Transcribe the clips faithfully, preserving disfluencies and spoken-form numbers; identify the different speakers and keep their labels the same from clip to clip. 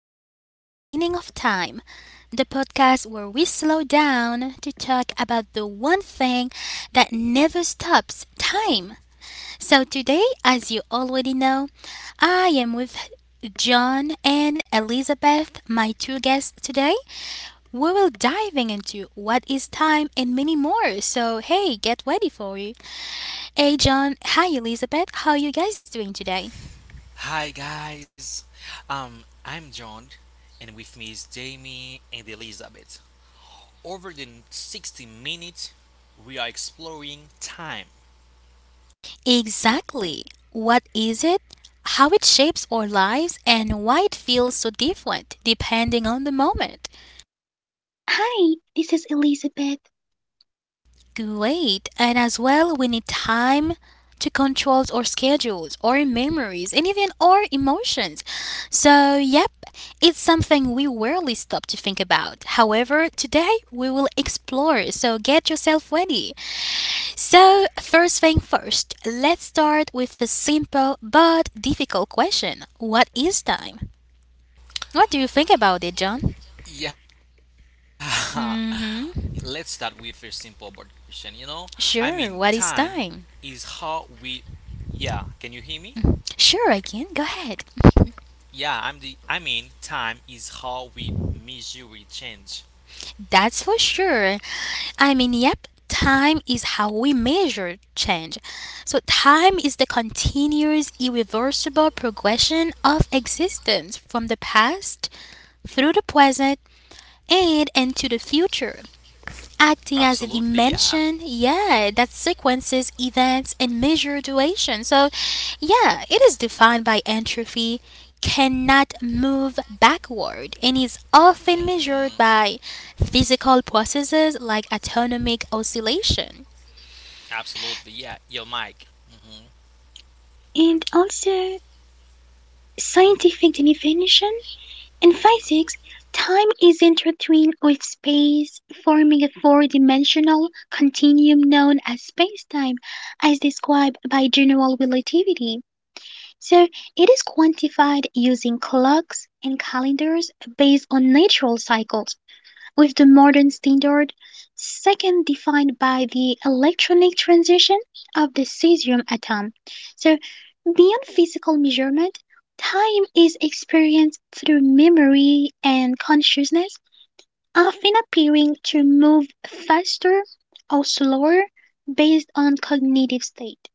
Speaker 1: to The Meaning of Time, the podcast where we slow down to talk about the one thing that never stops time. So, today, as you already know, I am with John and Elizabeth, my two guests today. We will diving into what is time and many more. So, hey, get ready for it. Hey, John. Hi, Elizabeth. How are you guys doing today?
Speaker 2: Hi guys, um, I'm John, and with me is Jamie and Elizabeth. Over the sixty minutes, we are exploring time.
Speaker 1: Exactly. What is it? How it shapes our lives and why it feels so different depending on the moment.
Speaker 3: Hi, this is Elizabeth,
Speaker 1: Great. And as well, we need time to control our schedules, our memories, and even our emotions. So, yep, it's something we rarely stop to think about. However, today we will explore. So, get yourself ready. So, first thing first, let's start with a simple but difficult question. What is time? What do you think about it, John?
Speaker 2: Yeah, let's start with
Speaker 1: Mhm.
Speaker 2: a simple but question. You know, I mean, time
Speaker 1: Sure, what is
Speaker 2: is
Speaker 1: time?
Speaker 2: how we. Yeah, can you hear me?
Speaker 1: Sure, again, go ahead.
Speaker 2: Yeah, I'm the. I mean, time is how we measure we change.
Speaker 1: That's for sure. I mean, yep, time is how we measure change. So, time is the continuous, irreversible progression of existence from the past through the present and into the future, acting as a
Speaker 2: Absolutely,
Speaker 1: dimension,
Speaker 2: yeah.
Speaker 1: yeah, that sequences events and measure duration. So, yeah, it is defined by entropy, cannot move backward, and is often
Speaker 2: hmm
Speaker 1: measured by physical processes like atomic oscillation.
Speaker 2: Absolutely, yeah. Your mic. Hmm
Speaker 3: and also scientific
Speaker 2: hmm
Speaker 3: definition. In
Speaker 2: Yeah.
Speaker 3: physics,
Speaker 2: Go.
Speaker 3: time is intertwined with space, forming a four dimensional continuum known as spacetime, as described by general relativity. So, it is quantified using clocks and calendars based on natural cycles with the modern standard, second defined by the electronic transition of the cesium atom. So, beyond physical measurement, time is experienced through memory and consciousness, often appearing to move faster or slower based on cognitive state.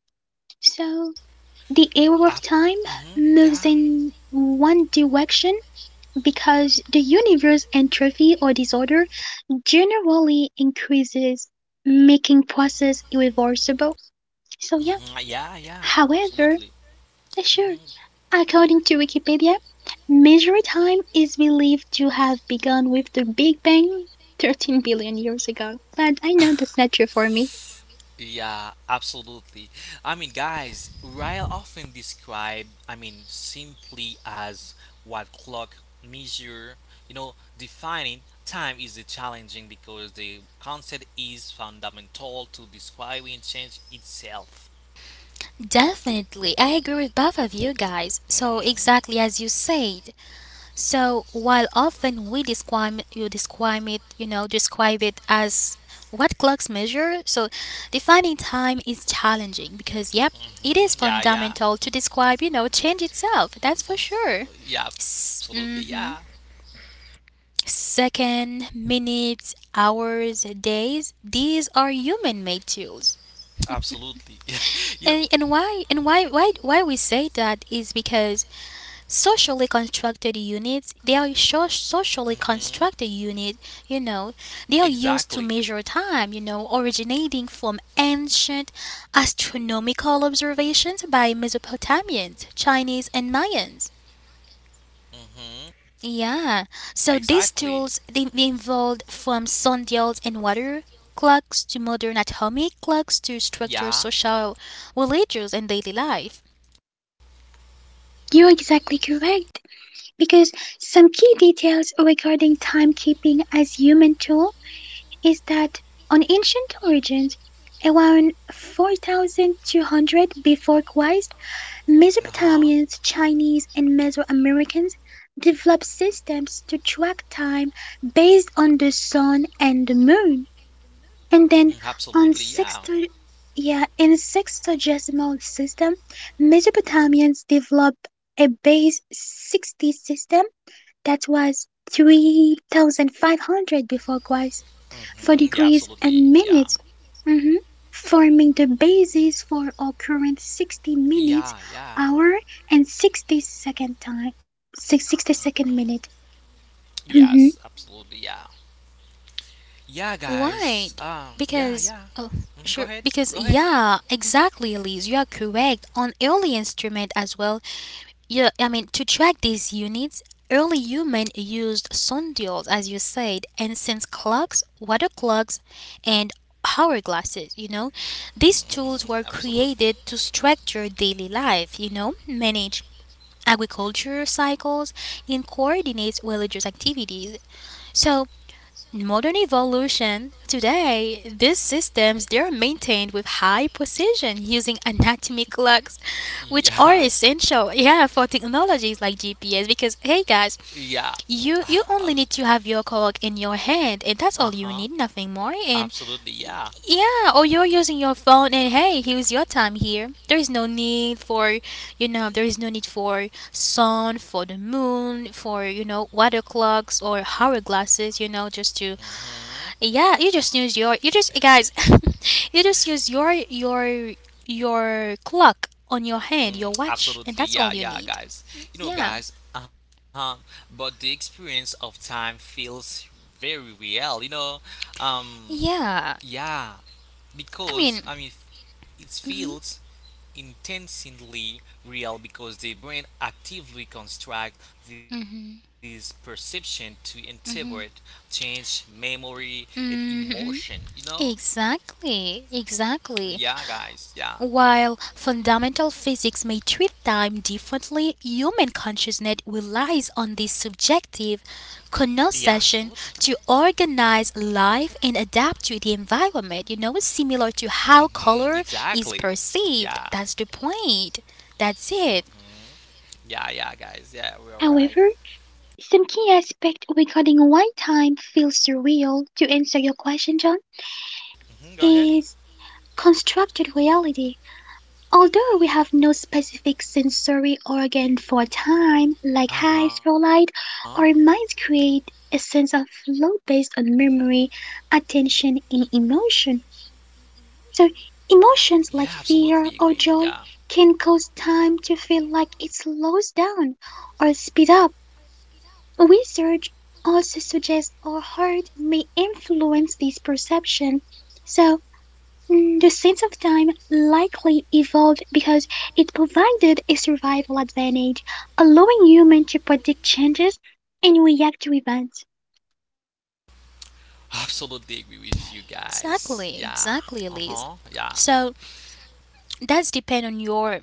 Speaker 3: So, the arrow of
Speaker 2: Up.
Speaker 3: time
Speaker 2: Hmm
Speaker 3: moves
Speaker 2: Yeah.
Speaker 3: in one direction because the universe entropy or disorder generally increases, making process irreversible. So yeah.
Speaker 2: hmm Yeah, yeah.
Speaker 3: However,
Speaker 2: Absolutely.
Speaker 3: eh, sure,
Speaker 2: Mm-hmm.
Speaker 3: according to Wikipedia, measuring time is believed to have begun with the Big Bang thirteen billion years ago. But I know that's not true for me.
Speaker 2: Yeah, absolutely. I mean, guys, Ryle often described, I mean, simply as what clock measure, you know, defining time is a challenging because the concept is fundamental to describing change itself.
Speaker 1: Definitely, I agree with both of you guys. So, exactly
Speaker 2: Mhm.
Speaker 1: as you said, so while often we describe you describe it, you know, describe it as what clocks measure, so defining time is challenging because, yep, it is
Speaker 2: hmm Yeah,
Speaker 1: fundamental to
Speaker 2: yeah.
Speaker 1: describe, you know, change itself. That's for
Speaker 2: Oh,
Speaker 1: sure.
Speaker 2: yeah,
Speaker 1: S-
Speaker 2: absolutely. Yeah,
Speaker 1: mhm. Second, minutes, hours, days, these are human made tools.
Speaker 2: absolutely. Yeah,
Speaker 1: And
Speaker 2: You
Speaker 1: and
Speaker 2: know,
Speaker 1: why and why why why we say that is because socially constructed units, they are so-
Speaker 2: hmm
Speaker 1: socially constructed unit, you know, they are
Speaker 2: exactly.
Speaker 1: used to measure time, you know, originating from ancient astronomical observations by mesopotamians, chinese and mayans.
Speaker 2: hmm
Speaker 1: Yeah, so these
Speaker 2: Exactly.
Speaker 1: tools, they evolved from sundials and water clocks to modern atomic clocks to structure
Speaker 2: Yeah.
Speaker 1: social, religious and daily life.
Speaker 3: You're exactly correct because some key details regarding timekeeping as human tool is that on ancient origins around four thousand two hundred before Christ,
Speaker 2: Uh huh.
Speaker 3: Mesopotamians, Chinese, and Mesoamericans developed systems to track time based on the sun and the moon, and
Speaker 2: Mm,
Speaker 3: then
Speaker 2: absolutely,
Speaker 3: on
Speaker 2: yeah.
Speaker 3: sexto yeah, in sexagesimal system, Mesopotamians developed a base sixty system that was three thousand five hundred before Christ for
Speaker 2: hmm Yeah,
Speaker 3: degrees and
Speaker 2: absolutely,
Speaker 3: minutes,
Speaker 2: yeah.
Speaker 3: mhm, forming the basis for our current sixty minutes
Speaker 2: Yeah,
Speaker 3: hour
Speaker 2: yeah.
Speaker 3: and sixty second time, six sixty-second sixty second minute. Mhm.
Speaker 2: Yes, absolutely, yeah. Yeah,
Speaker 1: Right.
Speaker 2: guys. Um, yeah,
Speaker 1: Because,
Speaker 2: yeah.
Speaker 1: oh, sure.
Speaker 2: Mhm, go ahead.
Speaker 1: Because,
Speaker 2: Go ahead.
Speaker 1: yeah, exactly, Elise. You are correct. On early instrument as well, yeah, I mean, to track these units, early human used sundials, as you said, and since clocks, water clocks, and hourglasses, you know. These tools were
Speaker 2: Mhm,
Speaker 1: created to
Speaker 2: absolutely.
Speaker 1: structure daily life, you know, manage agriculture cycles, and coordinate religious activities. So, in modern evolution today, these systems, they are maintained with high precision using anatomy clocks, which are
Speaker 2: Yeah.
Speaker 1: essential, yeah, for technologies like gps, because hey guys,
Speaker 2: Yeah.
Speaker 1: you you only need to have your clock in your hand and that's all you
Speaker 2: Uh
Speaker 1: need,
Speaker 2: huh.
Speaker 1: nothing more. And y-
Speaker 2: Absolutely, yeah.
Speaker 1: yeah, or you're using your phone and hey, here's your time. Here there is no need for, you know, there is no need for sun, for the moon, for, you know, water clocks or hour glasses, you know. Just to,
Speaker 2: hmm
Speaker 1: yeah, you just use your, you just guys, you just use your your your clock on your hand, your watch, and that's all you
Speaker 2: Absolutely, yeah,
Speaker 1: need.
Speaker 2: yeah, guys.
Speaker 1: Yeah,
Speaker 2: You know, guys, uh huh. But the experience of time feels very real, you know. Um,
Speaker 1: yeah.
Speaker 2: yeah,
Speaker 1: I
Speaker 2: because
Speaker 1: mean,
Speaker 2: I mean, it
Speaker 1: hmm
Speaker 2: feels intensely real because the brain actively constructs this perception to interpret, change memory and emotion. You
Speaker 1: hmm
Speaker 2: know?
Speaker 1: Exactly,
Speaker 2: Yeah,
Speaker 1: exactly.
Speaker 2: guys. Yeah.
Speaker 1: While fundamental physics may treat time differently, human consciousness relies on this subjective
Speaker 2: Yeah,
Speaker 1: connotation
Speaker 2: absolutely.
Speaker 1: to organize life and adapt to the environment, you know, similar to how
Speaker 2: Mm-hmm.
Speaker 1: color is
Speaker 2: Exactly. Yeah.
Speaker 1: perceived. That's the point. That's it.
Speaker 2: Yeah, yeah, guys. Yeah, we're all right.
Speaker 3: However, some key aspect regarding why time feels surreal to answer your question, John,
Speaker 2: Mm-hmm. Go ahead.
Speaker 3: is constructed reality. Although we have no specific sensory organ for time, like
Speaker 2: Uh
Speaker 3: eyes
Speaker 2: huh.
Speaker 3: for light, our minds create a sense of flow based on memory, attention, and emotion. So,
Speaker 2: Yeah,
Speaker 3: emotions
Speaker 2: absolutely
Speaker 3: like
Speaker 2: agree. Yeah,
Speaker 3: fear or joy can cause time to feel like it slows down or speed up. Research also suggests our heart may influence this perception. So, Mm, the sense of time likely evolved because it provided a survival advantage, allowing humans to predict changes and react to events.
Speaker 2: absolutely agree with you guys.
Speaker 1: Exactly,
Speaker 2: Yeah.
Speaker 1: exactly,
Speaker 2: Uh
Speaker 1: Elise.
Speaker 2: huh. Yeah.
Speaker 1: So that's depend on your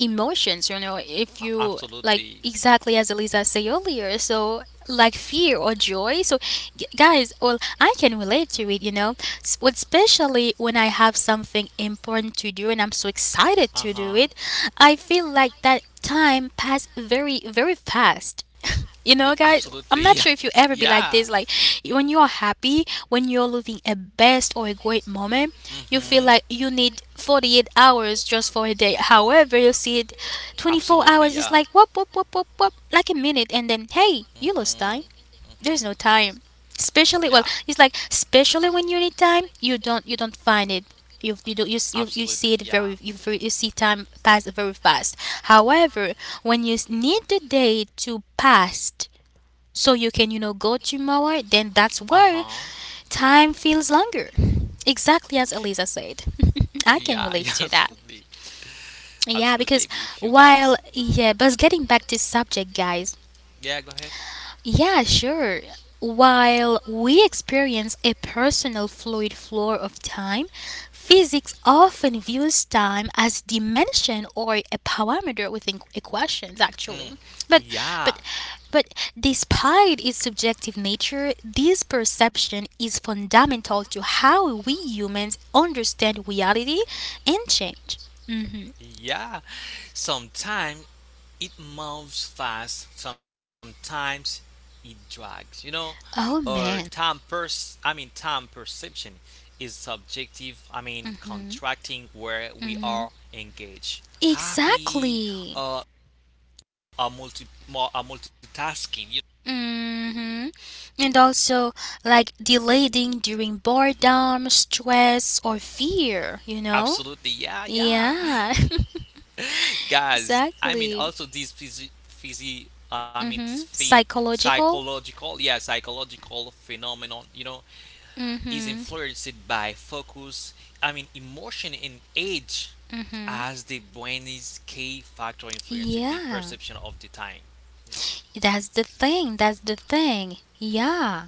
Speaker 1: emotions, you know, if
Speaker 2: A-
Speaker 1: you like,
Speaker 2: absolutely.
Speaker 1: exactly as Elisa said earlier, so like fear or joy. So g- guys, well, I can relate to it, you know. S- well, especially when I have something important to do and I'm so excited
Speaker 2: Uh
Speaker 1: to do
Speaker 2: huh.
Speaker 1: it, I feel like that time passed very very fast. You know guys, I'm
Speaker 2: Absolutely.
Speaker 1: not sure if you ever be like
Speaker 2: Yeah.
Speaker 1: this, like when you're happy, when you're living a best or a great moment, you feel
Speaker 2: Mm-hmm.
Speaker 1: like you need forty-eight hours just for a day. However, you see it, twenty-four
Speaker 2: Absolutely,
Speaker 1: hours is like
Speaker 2: yeah.
Speaker 1: whoop whoop whoop whoop whoop, like a minute, and then
Speaker 2: Mm-hmm.
Speaker 1: hey, you lost
Speaker 2: Mm-hmm.
Speaker 1: time, there's no time.
Speaker 2: Yeah.
Speaker 1: Especially, well, it's
Speaker 2: Ab-
Speaker 1: like especially when you need time, you don't you don't find it. You you do you s- you, you
Speaker 2: absolutely,
Speaker 1: see it
Speaker 2: yeah.
Speaker 1: very, you very- you see time pass very fast. However, when you s- need the day to pass so you can, you know, go tomorrow, then that's where
Speaker 2: Uh-huh.
Speaker 1: time feels longer. Exactly as Elisa said. I can
Speaker 2: Yeah,
Speaker 1: relate
Speaker 2: yeah,
Speaker 1: to that.
Speaker 2: absolutely.
Speaker 1: Yeah, because,
Speaker 2: Absolutely agree with you
Speaker 1: while,
Speaker 2: guys.
Speaker 1: yeah, but getting back to subject, guys,
Speaker 2: Yeah, go ahead.
Speaker 1: yeah, sure. While we experience a personal fluid flow of time, physics often views time as dimension or a parameter within equations actually.
Speaker 2: Mm,
Speaker 1: But but
Speaker 2: yeah,
Speaker 1: but despite its subjective nature, this perception is fundamental to how we humans understand reality and change. Mhm.
Speaker 2: yeah. Sometimes it moves fast, sometimes it drags, you know?
Speaker 1: Oh
Speaker 2: Or
Speaker 1: man.
Speaker 2: time pers I mean time perception is subjective, I mean
Speaker 1: Mhm.
Speaker 2: contracting where we are
Speaker 1: Mhm.
Speaker 2: engaged. Happy
Speaker 1: Exactly.
Speaker 2: uh a multi more a multitasking, you
Speaker 1: hmm And also, like delaying during boredom, stress, or fear, you know?
Speaker 2: absolutely, yeah, yeah.
Speaker 1: Yeah,
Speaker 2: Guys, I
Speaker 1: exactly.
Speaker 2: mean also these physi, physi
Speaker 1: mm
Speaker 2: I mean
Speaker 1: hmm
Speaker 2: this phy-
Speaker 1: Psychological.
Speaker 2: psychological yeah psychological phenomenon you know
Speaker 1: mm
Speaker 2: is
Speaker 1: hmm
Speaker 2: influenced by focus I mean emotion and age
Speaker 1: mm hmm
Speaker 2: as the brain is key factor influencing
Speaker 1: Yeah,
Speaker 2: the perception of the time, you know.
Speaker 1: that's the thing. That's the thing. Yeah,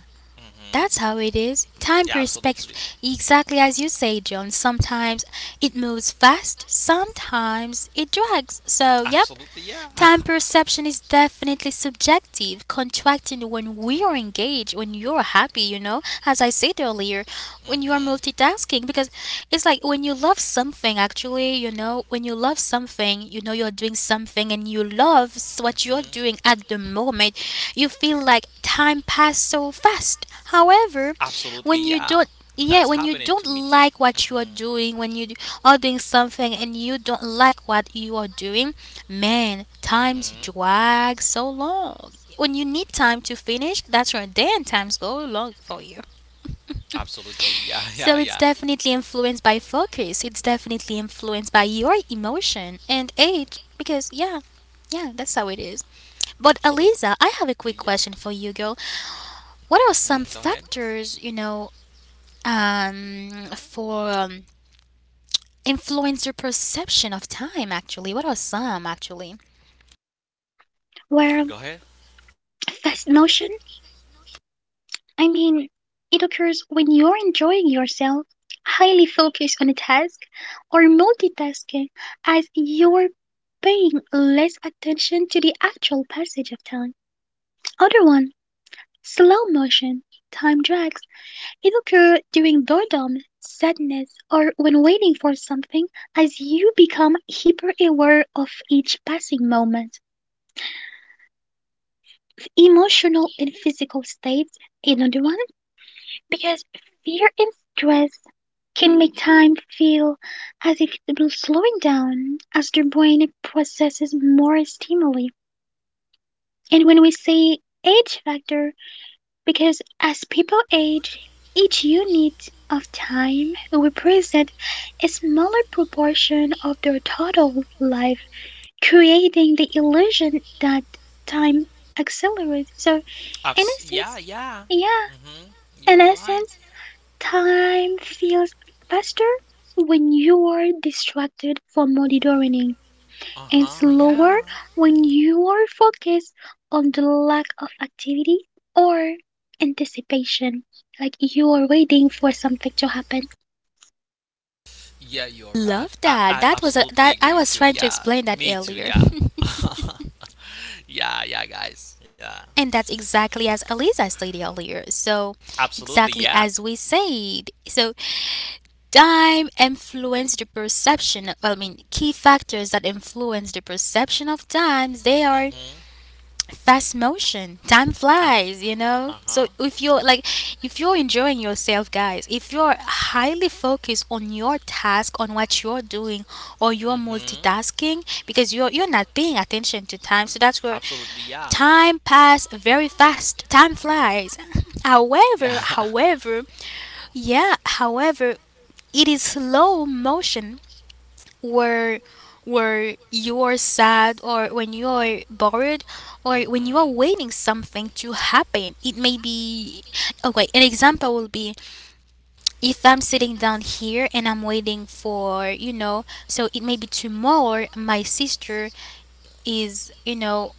Speaker 1: that's how
Speaker 2: Mhm.
Speaker 1: it is. Time
Speaker 2: Yeah,
Speaker 1: perspective,
Speaker 2: absolutely.
Speaker 1: exactly as you say, John. Sometimes it moves fast, sometimes it drags. So, yep,
Speaker 2: Absolutely,
Speaker 1: time
Speaker 2: yeah.
Speaker 1: perception is definitely subjective, contracting when we are engaged, when you're happy, you know, as I said earlier, when you are
Speaker 2: hmm
Speaker 1: multitasking, because it's like when you love something, actually, you know, when you love something, you know, you're doing something and you love s- what you're
Speaker 2: hmm
Speaker 1: doing at the moment, you feel like time passed so fast. However,
Speaker 2: Absolutely,
Speaker 1: when
Speaker 2: yeah.
Speaker 1: you don't,
Speaker 2: That's
Speaker 1: yeah, when
Speaker 2: happening
Speaker 1: you
Speaker 2: to me
Speaker 1: don't
Speaker 2: too.
Speaker 1: like
Speaker 2: Hmm
Speaker 1: what you are doing, when you d- are doing something and you don't like what you are doing, man, times
Speaker 2: hmm
Speaker 1: drag so long. When you need time to finish, that's when then times go long for you.
Speaker 2: Absolutely. Yeah.
Speaker 1: So
Speaker 2: Yeah.
Speaker 1: it's
Speaker 2: Yeah.
Speaker 1: definitely influenced by focus. It's definitely influenced by your emotion and age because, yeah, yeah, that's how it is. But Eliza, I
Speaker 2: Absolutely.
Speaker 1: have a
Speaker 2: Yeah.
Speaker 1: quick question for you, girl. What are
Speaker 2: hmm Go
Speaker 1: some
Speaker 2: ahead.
Speaker 1: factors, you know, um for um, influence your perception of time actually? What are some actually?
Speaker 3: Where
Speaker 2: Go ahead.
Speaker 3: fast motion, I mean, it occurs when you're enjoying yourself, highly focused on a task, or multitasking, as you're paying less attention to the actual passage of time. Other one, slow motion, time drags. It occurs during boredom, sadness, or when waiting for something, as you become hyper-aware of each passing moment. Emotional and physical states, another one, because fear and stress can make time feel as if it was slowing down as the brain processes more stimuli. And when we say age factor, because as people age, each unit of time represents a smaller proportion of their total life, creating the illusion that time accelerates. So, in
Speaker 2: Abs- yeah.
Speaker 3: essence,
Speaker 2: Yeah.
Speaker 3: yeah,
Speaker 2: hmm
Speaker 3: in
Speaker 2: You're right.
Speaker 3: essence, time feels faster when you are distracted from monitoring
Speaker 2: Uh
Speaker 3: and
Speaker 2: huh.
Speaker 3: slower
Speaker 2: Yeah.
Speaker 3: when you are focused on the lack of activity or anticipation, like you are waiting for something to happen.
Speaker 2: Yeah. You're right.
Speaker 1: Love
Speaker 2: I, I,
Speaker 1: that. That
Speaker 2: I
Speaker 1: was a, that
Speaker 2: absolutely
Speaker 1: I
Speaker 2: agree
Speaker 1: was
Speaker 2: with
Speaker 1: trying
Speaker 2: you.
Speaker 1: to
Speaker 2: Yeah.
Speaker 1: explain that
Speaker 2: Me too.
Speaker 1: earlier.
Speaker 2: Yeah. yeah. Yeah, guys. Yeah.
Speaker 1: And that's exactly as Eliza stated earlier. So,
Speaker 2: Absolutely.
Speaker 1: exactly
Speaker 2: Yeah.
Speaker 1: as we said. So, time influence the perception. Well, I mean, key factors that influence the perception of time, they are
Speaker 2: Mm-hmm.
Speaker 1: fast motion, time
Speaker 2: Abs-
Speaker 1: flies, you know.
Speaker 2: uh
Speaker 1: So
Speaker 2: huh.
Speaker 1: if you're like, if you're enjoying yourself guys, if you're highly focused on your task, on what you're doing, or you're
Speaker 2: Mm-hmm.
Speaker 1: multitasking, because you're you're not paying attention to time, so that's where
Speaker 2: Absolutely, yeah.
Speaker 1: time pass very fast, time flies. however
Speaker 2: Yeah.
Speaker 1: however yeah however it is slow motion, where where you are sad or when you are bored or when you are
Speaker 2: Mm-hmm.
Speaker 1: waiting something to happen. It may be, okay, an example will be if I'm sitting down here and I'm waiting for, you know, so it may be tomorrow my sister is, you know,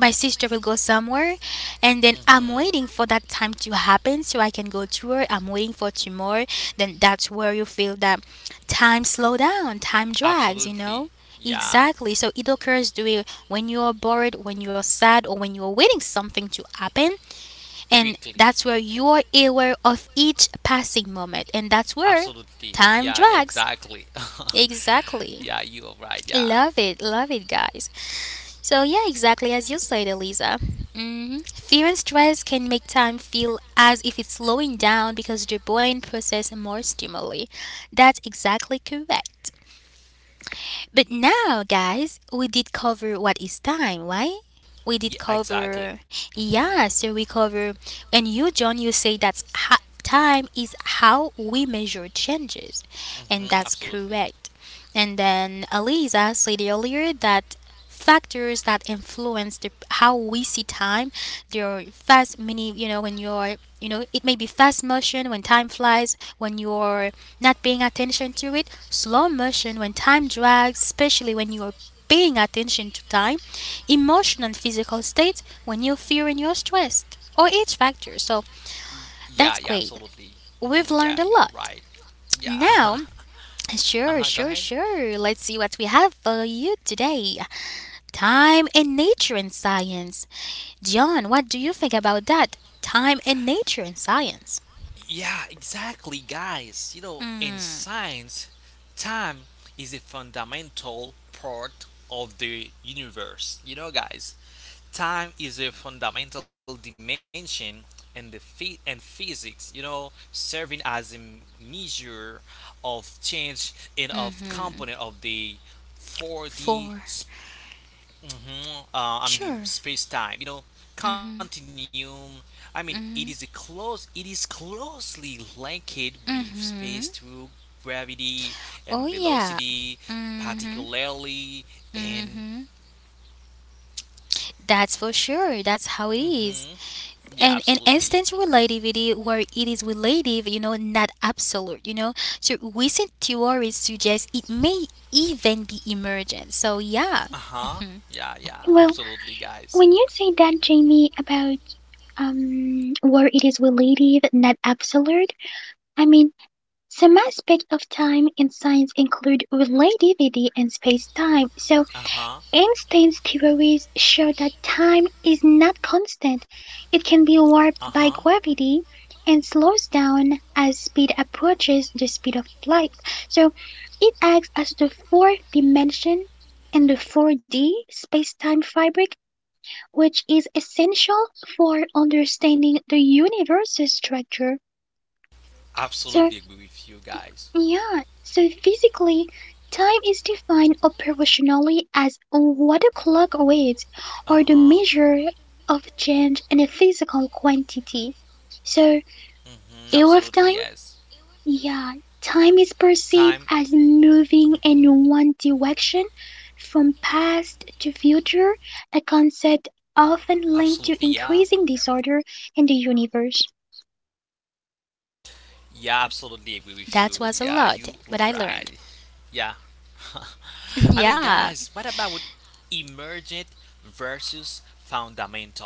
Speaker 1: my sister will go somewhere, and then I'm waiting
Speaker 2: Mm-hmm.
Speaker 1: for that time to happen so I can go to her. I'm waiting for tomorrow. Then that's where you feel that time slow down, time drags, you know?
Speaker 2: Absolutely.
Speaker 1: Exactly.
Speaker 2: Yeah.
Speaker 1: So it occurs during when you are bored, when you are sad, or when you are waiting something to happen, and
Speaker 2: Quickly.
Speaker 1: that's where you are aware of each passing moment, and that's where
Speaker 2: Absolutely.
Speaker 1: time
Speaker 2: Yeah, yeah,
Speaker 1: drags.
Speaker 2: exactly.
Speaker 1: Exactly.
Speaker 2: yeah, you are right. Yeah.
Speaker 1: Love it, love it, guys. So, yeah, exactly as you said, Eliza. hmm Fear and stress can make time feel as if it's slowing down because the brain processes more stimuli. That's exactly correct. But now, guys, we did cover what is time, right? We did
Speaker 2: Yeah,
Speaker 1: cover,
Speaker 2: exactly. Mm-hmm.
Speaker 1: yeah, so we cover, and you, John, you say that's ha- time is how we measure changes, and that's
Speaker 2: Mm-hmm. Absolutely.
Speaker 1: correct. And then Eliza said earlier that factors that influence the, how we see time, there are fast many, you know, when you're, you know, it may be fast motion when time flies when you're not paying attention to it, slow motion when time drags especially when you're paying attention to time, emotional and physical states when you fear and you're stressed or each factor. So
Speaker 2: Y- yeah,
Speaker 1: that's
Speaker 2: yeah,
Speaker 1: great,
Speaker 2: absolutely. Hmm
Speaker 1: we've
Speaker 2: Yeah,
Speaker 1: learned a
Speaker 2: you're
Speaker 1: lot.
Speaker 2: right. Yeah.
Speaker 1: Now, sure
Speaker 2: uh-huh, go
Speaker 1: sure
Speaker 2: ahead.
Speaker 1: sure let's see what we have for you today. Time and nature and science. John, what do you think about that? Time and nature and science.
Speaker 2: Yeah, exactly, guys. You know, in
Speaker 1: Mm,
Speaker 2: science, time is a fundamental part of the universe. You know, guys, time is a fundamental dimension in the phy- and physics. You know, serving as a measure of change and of component of the four D.
Speaker 1: for
Speaker 2: Mhm. Uh, I mean,
Speaker 1: sure.
Speaker 2: space time, you know, continuum. I mean, it is a close. It is closely linked with space through gravity and
Speaker 1: Oh yeah.
Speaker 2: velocity,
Speaker 1: hmm
Speaker 2: particularly in.
Speaker 1: That's for sure. That's how it
Speaker 2: Mhm.
Speaker 1: is.
Speaker 2: Yeah,
Speaker 1: And in
Speaker 2: absolutely.
Speaker 1: instance relativity where it is relative, you know, not absolute, you know. So recent theories suggest it may even be emergent. So
Speaker 2: Uh
Speaker 1: yeah.
Speaker 2: huh.
Speaker 1: Mhm.
Speaker 2: Yeah, yeah,
Speaker 3: Well,
Speaker 2: absolutely, guys.
Speaker 3: when you say that, Jamie, about um where it is relative, not absolute, I mean some aspects of time in science include relativity and space-time. So
Speaker 2: Uh huh.
Speaker 3: Einstein's theories show that time is not constant, it can be
Speaker 2: Uh huh.
Speaker 3: warped by gravity and slows down as speed approaches the speed of light. So it acts as the fourth dimension in the four D space-time fabric, which is essential for understanding the universe's structure.
Speaker 2: Absolutely agree
Speaker 3: So
Speaker 2: with you guys.
Speaker 3: yeah, so physically, time is defined operationally as what a clock weighs,
Speaker 2: Uh huh.
Speaker 3: or the measure of change in a physical quantity. So,
Speaker 2: Mm-hmm. Absolutely
Speaker 3: air of
Speaker 2: yes.
Speaker 3: time, yeah, time is
Speaker 2: Time.
Speaker 3: perceived as
Speaker 2: Mm-hmm.
Speaker 3: moving in one direction from past to future, a concept
Speaker 2: Absolutely
Speaker 3: often
Speaker 2: yeah.
Speaker 3: linked to increasing disorder in the universe.
Speaker 2: Yeah, absolutely agree with you. Yeah,
Speaker 1: That
Speaker 2: you
Speaker 1: was a lot,
Speaker 2: right.
Speaker 1: but I learned.
Speaker 2: Yeah. I mean, guys, what about
Speaker 1: Yeah.
Speaker 2: with emergent versus fundamental? You know,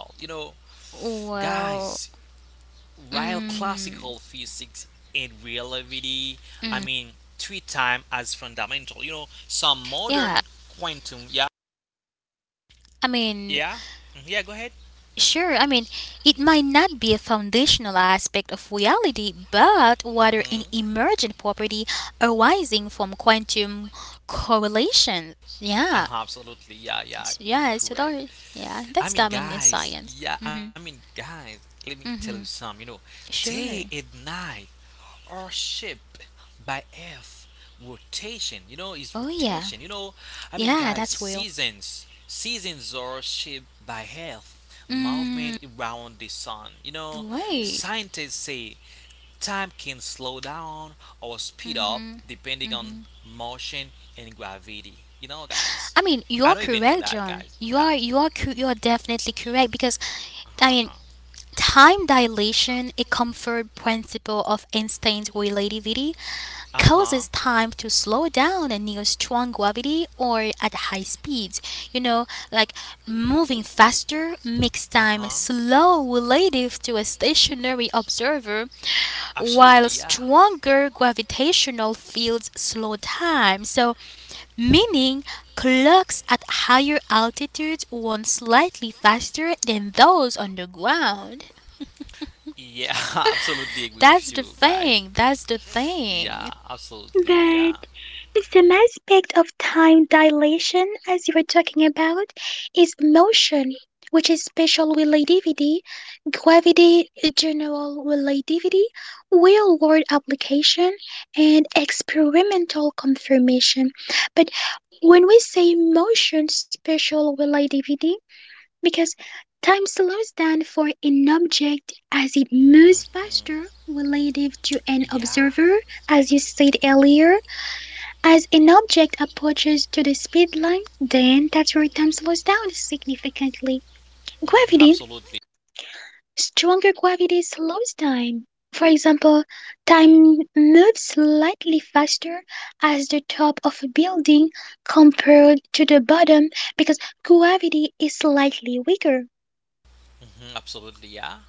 Speaker 2: guys,
Speaker 1: Well,
Speaker 2: while classical
Speaker 1: mm,
Speaker 2: physics and relativity, I mean,
Speaker 1: Mm,
Speaker 2: treat time as fundamental. You know, some modern
Speaker 1: yeah,
Speaker 2: quantum. Yeah.
Speaker 1: I mean,
Speaker 2: Yeah. Mhm, yeah. Go ahead.
Speaker 1: sure, I mean, it might not be a foundational aspect of reality, but rather an
Speaker 2: Hmm
Speaker 1: emergent property arising from quantum correlation. Yeah,
Speaker 2: Uh-huh, absolutely. Yeah. Yeah.
Speaker 1: S-
Speaker 2: You're
Speaker 1: yeah, so
Speaker 2: correct.
Speaker 1: that, yeah,
Speaker 2: I
Speaker 1: that's
Speaker 2: mean,
Speaker 1: dominant in
Speaker 2: guys,
Speaker 1: science.
Speaker 2: yeah, I
Speaker 1: Mm-hmm,
Speaker 2: mean, guys, let me tell you
Speaker 1: mm-hmm,
Speaker 2: some. You know, day and
Speaker 1: sure.
Speaker 2: night are shaped by Earth rotation. You know, is
Speaker 1: Oh,
Speaker 2: rotation. You
Speaker 1: yeah,
Speaker 2: know, I mean, guys,
Speaker 1: yeah, that's real.
Speaker 2: seasons, seasons are shaped by Earth movement
Speaker 1: Mm,
Speaker 2: around the sun. You know,
Speaker 1: wait,
Speaker 2: scientists say time can slow down or speed up
Speaker 1: mm-hmm.
Speaker 2: depending on
Speaker 1: Mm-hmm.
Speaker 2: motion and gravity. You know, guys.
Speaker 1: I mean, you are
Speaker 2: I don't even know
Speaker 1: correct,
Speaker 2: that,
Speaker 1: John.
Speaker 2: guys.
Speaker 1: You are,
Speaker 2: Yeah.
Speaker 1: you are, cor- you are definitely correct because
Speaker 2: Uh huh.
Speaker 1: I mean, time dilation, a comfort principle of instant relativity,
Speaker 2: Uh huh.
Speaker 1: causes time to slow down near strong gravity or at high speeds. You know, like moving faster makes time
Speaker 2: Uh-huh.
Speaker 1: slow relative to a stationary observer,
Speaker 2: Absolutely,
Speaker 1: while
Speaker 2: yeah.
Speaker 1: stronger gravitational fields slow time. So, meaning clocks at higher altitudes run slightly faster than those on the ground.
Speaker 2: Yeah, absolutely agree with
Speaker 1: That's
Speaker 2: you
Speaker 1: the
Speaker 2: guys.
Speaker 1: thing. That's the
Speaker 2: Yeah,
Speaker 1: thing.
Speaker 2: absolutely, yeah.
Speaker 3: But the same aspect of time dilation as you were talking about is motion, which is special relativity, gravity, general relativity, real world application, and experimental confirmation. But when we say motion, special relativity, because time slows down for an object as it moves
Speaker 2: Mhm.
Speaker 3: faster relative to an
Speaker 2: Yeah.
Speaker 3: observer, as you said earlier. As an object approaches to the speed limit, the entire time slows down significantly.
Speaker 2: hmm
Speaker 3: Gravity,
Speaker 2: absolutely.
Speaker 3: stronger gravity slows time. For example, time moves slightly faster as the top of a building compared to the bottom because gravity is slightly weaker.
Speaker 2: Hmm absolutely. Yeah.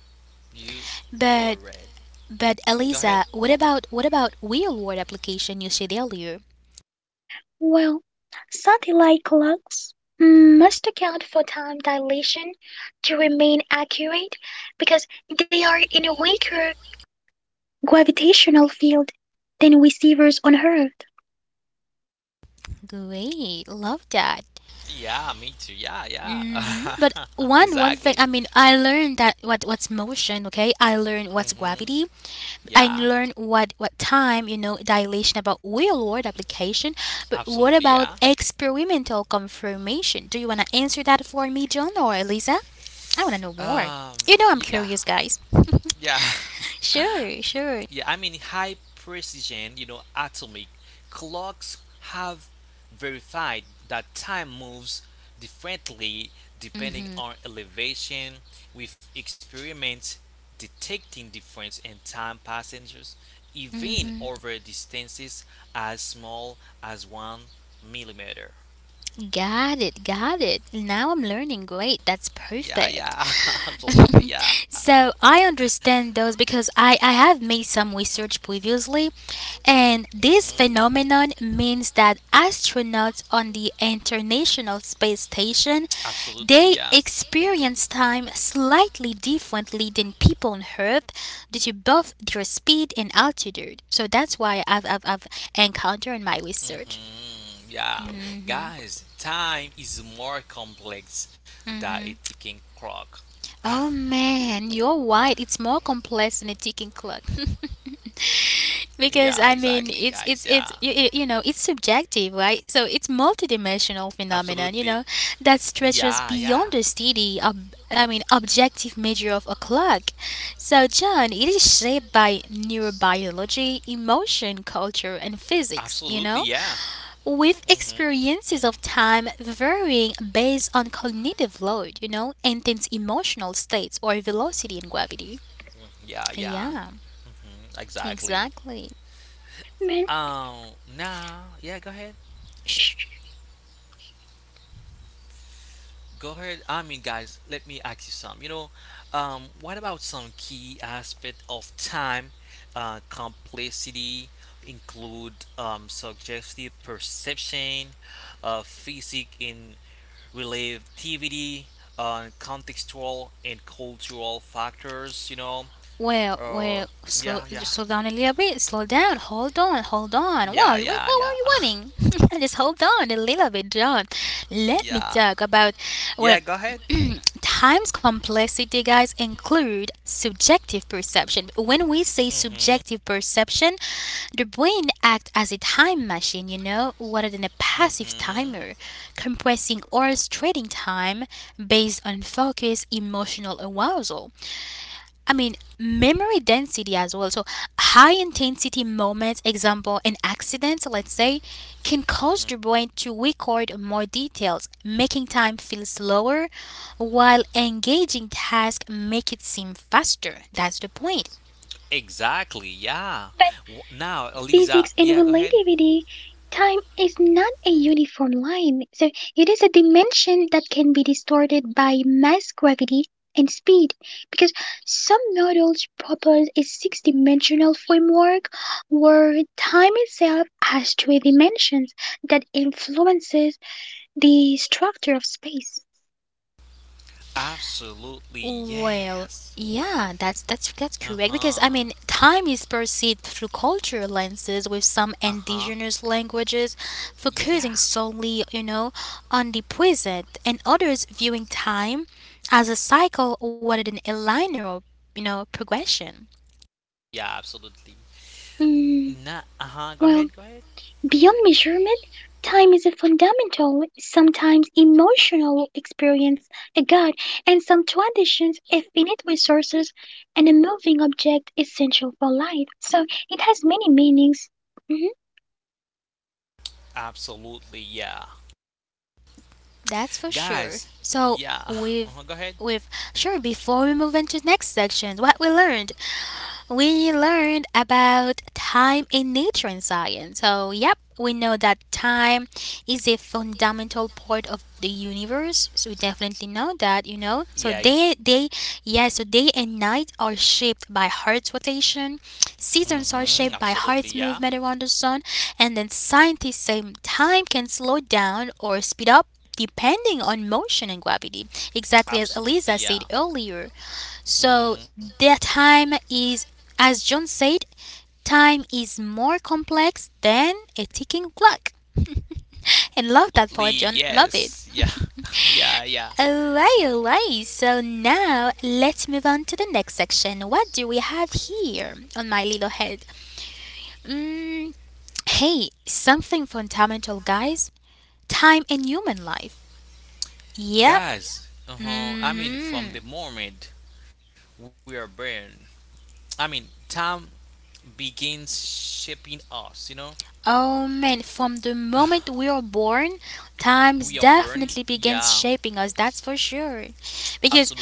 Speaker 2: You
Speaker 1: But
Speaker 2: correct.
Speaker 1: but
Speaker 2: Go ahead.
Speaker 1: Eliza, what about what about real world application you said earlier?
Speaker 3: Well, satellite clocks must account for time dilation to remain accurate because they are in a weaker gravitational field than receivers on Earth.
Speaker 1: Great, love that.
Speaker 2: Yeah, me too. Yeah,
Speaker 1: hmm
Speaker 2: yeah.
Speaker 1: But one one thing, I
Speaker 2: exactly.
Speaker 1: mean, I learned that what what's motion. Okay, I learned what's
Speaker 2: hmm
Speaker 1: gravity. I
Speaker 2: Yeah.
Speaker 1: learned what what time. You know, dilation about real world application. But what
Speaker 2: Absolutely.
Speaker 1: about
Speaker 2: Yeah.
Speaker 1: experimental confirmation? Do you wanna answer that for me, John or Eliza? I wanna know more.
Speaker 2: Um.
Speaker 1: You know, I'm
Speaker 2: Yeah.
Speaker 1: curious, guys.
Speaker 2: Yeah.
Speaker 1: Sure, sure.
Speaker 2: Yeah, I mean, high precision, you know, atomic clocks have verified that time moves differently depending
Speaker 1: Mm-hmm.
Speaker 2: on elevation, with experiments detecting difference in time passengers, even
Speaker 1: Mm-hmm.
Speaker 2: over distances as small as one millimeter.
Speaker 1: Got it, got it. Now I'm learning. Great, that's
Speaker 2: Yeah,
Speaker 1: perfect.
Speaker 2: yeah, absolutely, yeah.
Speaker 1: So I understand those because I, I have made some research previously, and this
Speaker 2: hmm
Speaker 1: phenomenon means that astronauts on the International Space Station
Speaker 2: Absolutely,
Speaker 1: they
Speaker 2: yeah.
Speaker 1: experience time slightly differently than people on Earth due to both their speed and altitude. So that's why I've I've, I've encountered in my research.
Speaker 2: hmm Yeah. Guys, time is more complex than a
Speaker 1: hmm
Speaker 2: ticking clock.
Speaker 1: Oh man, you're right. It's more complex than a ticking clock.
Speaker 2: yeah, exactly,
Speaker 1: Because
Speaker 2: guys.
Speaker 1: I
Speaker 2: Yeah.
Speaker 1: mean, it's it's it's you, you you know, it's subjective, right? So it's multidimensional
Speaker 2: Absolutely.
Speaker 1: phenomenon, you know, that
Speaker 2: Yeah, yeah.
Speaker 1: stretches beyond the steady ob- I mean, objective measure of a clock. So John, it is shaped by neurobiology, emotion, culture and
Speaker 2: Absolutely,
Speaker 1: physics, you
Speaker 2: yeah.
Speaker 1: know,
Speaker 2: hmm
Speaker 1: with experiences of time varying based on cognitive load, you know, intense emotional states or velocity and gravity.
Speaker 2: Yeah, yeah.
Speaker 1: Yeah,
Speaker 2: Mm, exactly.
Speaker 1: exactly.
Speaker 2: Um,
Speaker 3: Man,
Speaker 2: now, yeah, go ahead.
Speaker 1: Shh, shh.
Speaker 2: Go ahead. I mean, guys, let me ask you some. You know, um, what about some key aspect of time, uh, complexity, include um, subjective perception, uh, physics in relativity, uh, contextual and cultural factors. You know,
Speaker 1: Well, well,
Speaker 2: uh,
Speaker 1: slow,
Speaker 2: yeah, yeah,
Speaker 1: slow down a little bit. Slow down. Hold on. Hold on. Wow,
Speaker 2: yeah,
Speaker 1: you, what,
Speaker 2: yeah,
Speaker 1: what
Speaker 2: yeah,
Speaker 1: are you wanting? Just hold on a little bit, John. Let me
Speaker 2: yeah.
Speaker 1: talk about.
Speaker 2: Yeah,
Speaker 1: Well,
Speaker 2: go ahead.
Speaker 1: time's complexity, guys, include subjective perception. When we say
Speaker 2: Hmm
Speaker 1: subjective perception, the brain acts as a time machine, you know, rather than a passive
Speaker 2: Mm-hmm.
Speaker 1: timer, compressing or restricting time based on focus, emotional arousal. I mean, memory density as well. So, high intensity moments, example, an accident, let's say, can
Speaker 2: hmm
Speaker 1: cause the brain to record more details, making time feel slower, while engaging tasks make it seem faster. That's the point.
Speaker 2: Exactly. Yeah. W-
Speaker 3: but
Speaker 2: Now, Eliza. Yeah. Go ahead.
Speaker 3: physics and relativity, time is not a uniform line, so it is a dimension that can be distorted by mass, gravity, and speed. Because some models propose a six dimensional framework where time itself has three dimensions that influences the structure of space.
Speaker 2: Absolutely.
Speaker 1: Well,
Speaker 2: Yes.
Speaker 1: yeah, that's that's that's
Speaker 2: Uh
Speaker 1: correct because I
Speaker 2: huh.
Speaker 1: mean time is perceived through cultural lenses with some
Speaker 2: Uh huh.
Speaker 1: indigenous languages
Speaker 2: Yeah.
Speaker 1: focusing solely, you know, on the present and others viewing time as a cycle rather than a linear, you know, progression.
Speaker 2: Yeah. Absolutely.
Speaker 3: Mm,
Speaker 2: Nah. Uh huh. Go ahead. Go
Speaker 3: well,
Speaker 2: ahead.
Speaker 3: beyond measurement, time is a fundamental, sometimes emotional experience, a guide, and some traditions, a finite resources, and a moving object essential for life. So it has many meanings. Mhm.
Speaker 2: Absolutely. Yeah.
Speaker 1: That's for sure.
Speaker 2: Guys.
Speaker 1: So
Speaker 2: Yeah.
Speaker 1: with
Speaker 2: Uh-huh, go ahead.
Speaker 1: with sure before we move into next section, what we learned we learned about time in nature and science. So, yep, we know that time is a fundamental part of the universe. So we definitely know that, you know. So
Speaker 2: Yeah.
Speaker 1: day day yeah, so day and night are shaped by Earth's rotation. Seasons are
Speaker 2: Mm-hmm.
Speaker 1: shaped by
Speaker 2: Absolutely.
Speaker 1: Earth's
Speaker 2: Yeah.
Speaker 1: movement around the sun, and then scientists say time can slow down or speed up depending on motion and gravity. Exactly as
Speaker 2: Absolutely,
Speaker 1: Eliza said
Speaker 2: yeah.
Speaker 1: earlier. So
Speaker 2: Mm-hmm.
Speaker 1: the time is, as John said, time is more complex than a ticking clock. And love that
Speaker 2: Absolutely,
Speaker 1: part, John. Love it.
Speaker 2: yes. Yeah. yeah, yeah.
Speaker 1: Alright, alright. So now let's move on to the next section. What do we have here on my little head? Mm, hey, something fundamental, guys. Time in human life. Yep.
Speaker 2: Guys, uh-huh. I mean, from
Speaker 1: hmm
Speaker 2: the moment we are born, I mean, time begins shaping us, you know?
Speaker 1: Oh man, from the moment we are born,
Speaker 2: We are
Speaker 1: times
Speaker 2: born,
Speaker 1: definitely
Speaker 2: yeah,
Speaker 1: begins shaping us, that's for sure. Because
Speaker 2: absolutely.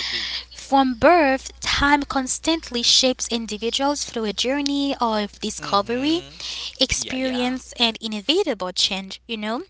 Speaker 1: from birth, time constantly shapes individuals through a journey of
Speaker 2: Mm-hmm.
Speaker 1: discovery,
Speaker 2: Yeah, yeah.
Speaker 1: experience, and inevitable change, you know,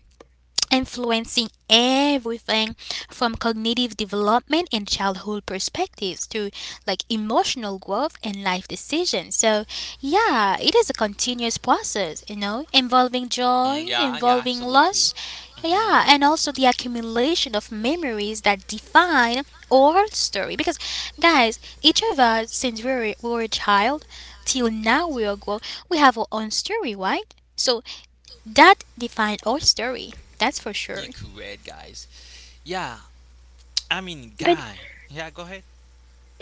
Speaker 1: influencing everything from cognitive development and childhood perspectives to like emotional growth and life decisions. So, yeah, it is a continuous process, you know, involving
Speaker 2: Mm,
Speaker 1: joy,
Speaker 2: yeah, yeah,
Speaker 1: involving
Speaker 2: absolutely.
Speaker 1: loss,
Speaker 2: Mm-hmm.
Speaker 1: yeah, and also the accumulation of memories that define our story because guys each of us since we were, we were a child till now we are grown we have our own story right so that defined our story. That's for
Speaker 2: You
Speaker 1: sure.
Speaker 2: correct, guys. Yeah, I mean,
Speaker 3: But
Speaker 2: guys. Yeah, go ahead.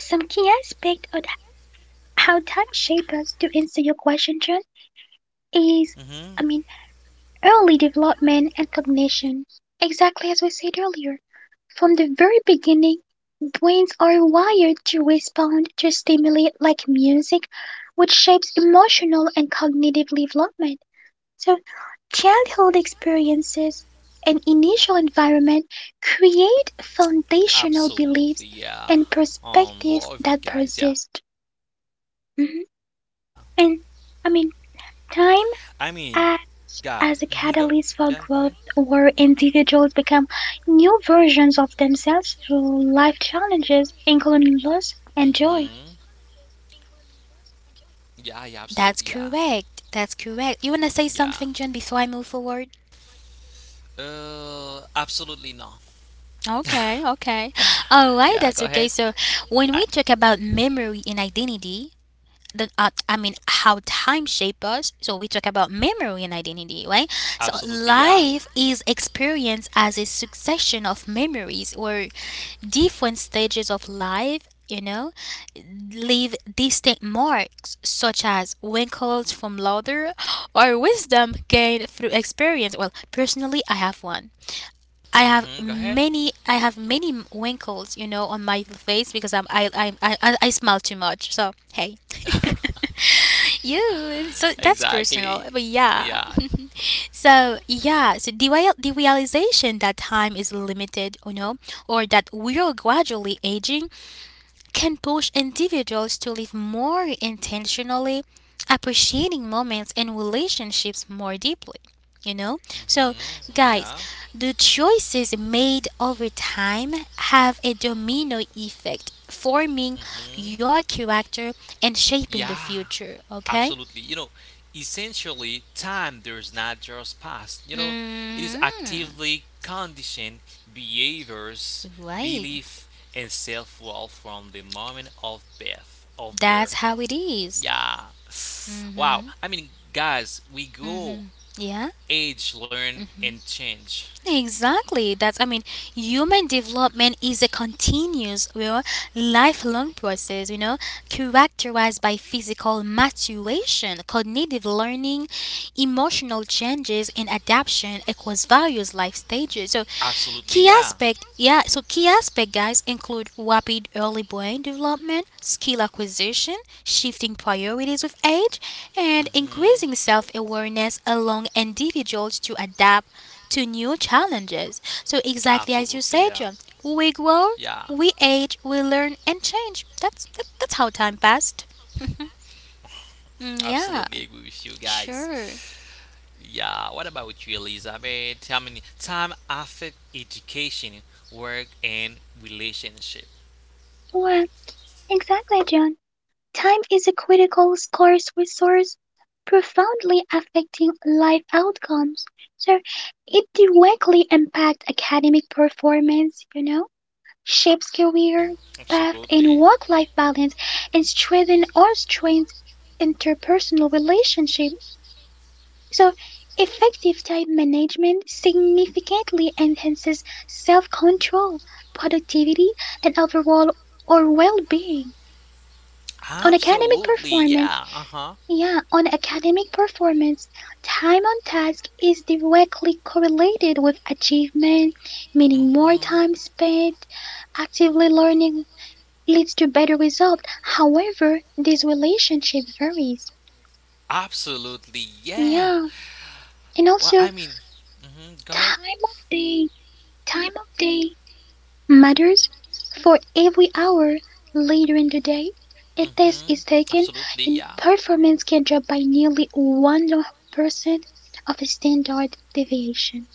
Speaker 3: some key aspect of how time shapes us to answer your question, John, is
Speaker 2: Mm-hmm.
Speaker 3: I mean early development and cognition. Exactly as we said earlier. From the very beginning, brains are wired to respond to stimuli like music, which shapes emotional and cognitive development. So, childhood experiences and initial environment create foundational
Speaker 2: Absolutely,
Speaker 3: beliefs
Speaker 2: yeah.
Speaker 3: and
Speaker 2: Um, love
Speaker 3: perspectives
Speaker 2: it,
Speaker 3: that
Speaker 2: guys. Yeah.
Speaker 3: persist. Mhm.
Speaker 2: I
Speaker 3: And
Speaker 2: mean,
Speaker 3: I mean,
Speaker 2: guys. Hmm go.
Speaker 3: time
Speaker 2: Yeah, go ahead.
Speaker 3: as a catalyst for growth where individuals become new versions of themselves through life
Speaker 2: Hmm
Speaker 3: challenges, including loss and joy.
Speaker 2: Yeah, yeah, absolutely, yeah,
Speaker 1: That's correct. That's
Speaker 2: yeah.
Speaker 1: correct. You wanna say something, John, before I move forward?
Speaker 2: Uh, absolutely no.
Speaker 1: Okay, okay.
Speaker 2: Yeah,
Speaker 1: Alright,
Speaker 2: go
Speaker 1: that's
Speaker 2: ahead.
Speaker 1: okay. So
Speaker 2: I.
Speaker 1: when we talk about memory and identity, the uh, I mean how time shape us. So we talk about memory and identity, right? So
Speaker 2: Absolutely, yeah.
Speaker 1: life is experienced as a succession of memories or different stages of life. You know, leave distinct marks such as wrinkles from laughter or wisdom gained through experience. Well, personally, I have one. I have
Speaker 2: hmm Go ahead.
Speaker 1: many I have many wrinkles, you know, on my face because I'm I I I, I smile too much. So hey. You so that's
Speaker 2: Exactly.
Speaker 1: personal, but yeah.
Speaker 2: Yeah.
Speaker 1: So yeah, so the, real- the realization that time is limited, you know, or that we are gradually aging can push individuals to live more intentionally, appreciating moments and relationships more deeply. You know, so
Speaker 2: hmm
Speaker 1: guys,
Speaker 2: Yeah.
Speaker 1: the choices made over time have a domino effect, forming
Speaker 2: hmm
Speaker 1: your character and shaping the
Speaker 2: Yeah.
Speaker 1: future. Okay,
Speaker 2: Absolutely. You know, essentially, time does not just pass. You know, it is
Speaker 1: mm-hmm.
Speaker 2: actively conditioned behaviors,
Speaker 1: Right.
Speaker 2: belief, and self-worth from the moment of birth. Of
Speaker 1: That's
Speaker 2: birth.
Speaker 1: how it is.
Speaker 2: Yeah. Wow.
Speaker 1: Mm-hmm.
Speaker 2: I mean, guys, we grow,
Speaker 1: Mm-hmm. Yeah.
Speaker 2: age, learn, and change.
Speaker 1: Exactly. That's I mean, human development is a continuous, you know, lifelong process, you know, characterized by physical maturation, cognitive learning, emotional changes and adaptation across various life stages. So
Speaker 2: Absolutely,
Speaker 1: key
Speaker 2: yeah.
Speaker 1: aspect, yeah, so key aspect guys include rapid early brain development, skill acquisition, shifting priorities with age, and
Speaker 2: hmm
Speaker 1: increasing self-awareness along individuals to adapt to new challenges. So exactly as you
Speaker 2: Absolutely,
Speaker 1: said,
Speaker 2: yeah.
Speaker 1: John, we grow,
Speaker 2: Yeah.
Speaker 1: we age, we learn and change. That's that, that's how time passed. Mm, yeah,
Speaker 2: Absolutely agree with you guys.
Speaker 1: sure.
Speaker 2: Yeah, what about you, Elizabeth? I mean, time affect education, work, and relationship.
Speaker 3: Well, exactly, John. Time is a critical, scarce resource profoundly affecting life outcomes. So it directly impacts academic performance, you know, shapes career path
Speaker 2: Absolutely.
Speaker 3: and work life balance, and strengthen or strains interpersonal relationship. So, effective time management significantly enhances self control, productivity, and overall or well being. On academic
Speaker 2: Absolutely, yeah,
Speaker 3: performance,
Speaker 2: uh huh.
Speaker 3: yeah, on academic performance, time on task is directly correlated with achievement, meaning more
Speaker 2: hmm
Speaker 3: time spent actively learning leads to better results. However, this relationship varies.
Speaker 2: Absolutely, yeah.
Speaker 3: Yeah, and
Speaker 2: Well, I
Speaker 3: also
Speaker 2: mean, hmm go ahead.
Speaker 3: time of day, time of day matters, for every hour later in the day, a test
Speaker 2: Hmm
Speaker 3: is taken
Speaker 2: Absolutely,
Speaker 3: and
Speaker 2: yeah.
Speaker 3: performance can drop by nearly one hundred percent of a standard deviation.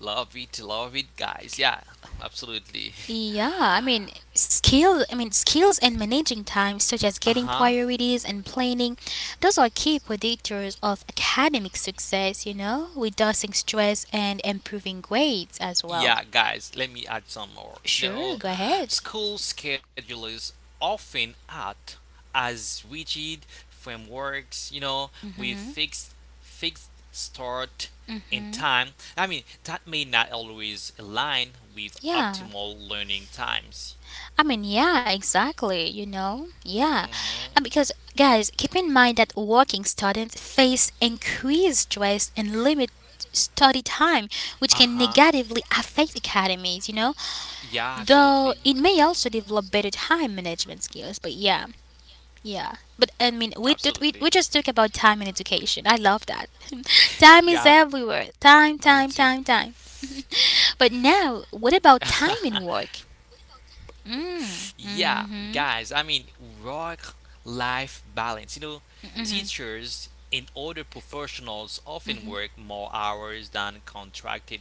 Speaker 2: Love it, love it, guys. Yeah, absolutely.
Speaker 1: Yeah, I mean skills. I mean skills in managing time, such as
Speaker 2: Uh
Speaker 1: getting
Speaker 2: huh.
Speaker 1: priorities and planning, those are key predictors of academic success. You know, reducing stress and improving grades as well.
Speaker 2: Yeah, guys, let me add some more. You
Speaker 1: Sure,
Speaker 2: know,
Speaker 1: go ahead.
Speaker 2: school schedules often act as rigid frameworks, you know, with fixed fixed start and time. I mean, that may not always align with
Speaker 1: Yeah,
Speaker 2: optimal learning times.
Speaker 1: I mean, yeah, exactly. You know, yeah,
Speaker 2: Hmm
Speaker 1: and because guys, keep in mind that working students face increased stress and limit study time, which can
Speaker 2: Uh-huh.
Speaker 1: negatively affect academies. You know,
Speaker 2: Yeah,
Speaker 1: though
Speaker 2: absolutely.
Speaker 1: it may also develop better time management skills, but yeah, yeah. But I mean, we did, we, we
Speaker 2: Absolutely.
Speaker 1: just talk about time in education. I love that. Time is
Speaker 2: Yeah, me too.
Speaker 1: everywhere. Time, time, time, time. But now, what about time in work? Mm,
Speaker 2: Yeah, guys, I
Speaker 1: mm-hmm.
Speaker 2: mean, work life balance. You know, teachers and other professionals often work more hours than contracted.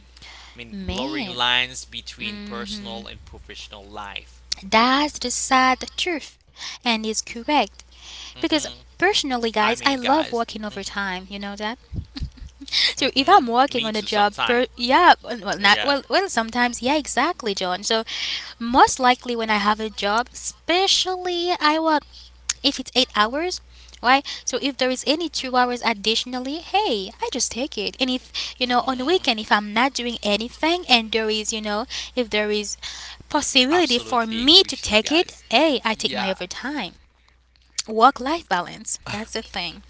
Speaker 2: I mean, blurring
Speaker 1: Man,
Speaker 2: lines between
Speaker 1: mm-hmm.
Speaker 2: personal and professional life.
Speaker 1: That's the sad truth, and is
Speaker 2: Hmm
Speaker 1: correct. Because
Speaker 2: I mean,
Speaker 1: personally,
Speaker 2: guys.
Speaker 1: guys, I love working overtime. You know that?
Speaker 2: Hmm hmm
Speaker 1: So if
Speaker 2: Me
Speaker 1: I'm
Speaker 2: too,
Speaker 1: working on a
Speaker 2: sometime.
Speaker 1: job, per, yeah, well, well,
Speaker 2: Yeah.
Speaker 1: not well, well, sometimes, yeah, exactly, John. So most likely when I have a job, especially I work if it's eight hours, right? So if there is any two hours additionally, hey, I just take it. And if
Speaker 2: hmm
Speaker 1: you know on the weekend, if I'm not doing anything, and there is you know if there is possibility
Speaker 2: Absolutely
Speaker 1: for
Speaker 2: agree
Speaker 1: me
Speaker 2: with you
Speaker 1: to take
Speaker 2: guys.
Speaker 1: it, hey, I take
Speaker 2: Yeah.
Speaker 1: my overtime work life balance. That's the thing.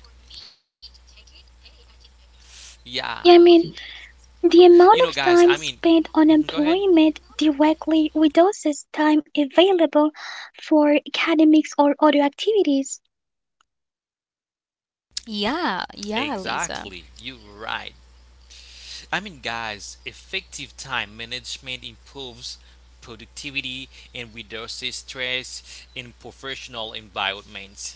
Speaker 2: Yeah. You know,
Speaker 3: Yeah,
Speaker 2: guys,
Speaker 3: I
Speaker 2: I
Speaker 3: mean,
Speaker 2: mean,
Speaker 3: the
Speaker 2: mhm, go
Speaker 3: amount
Speaker 2: ahead.
Speaker 3: of time spent on employment directly reduces time available for academics or other activities.
Speaker 1: Yeah, yeah, Lisa.
Speaker 2: Exactly. You're right. I mean, guys, effective time management improves productivity and reduces stress in professional environments.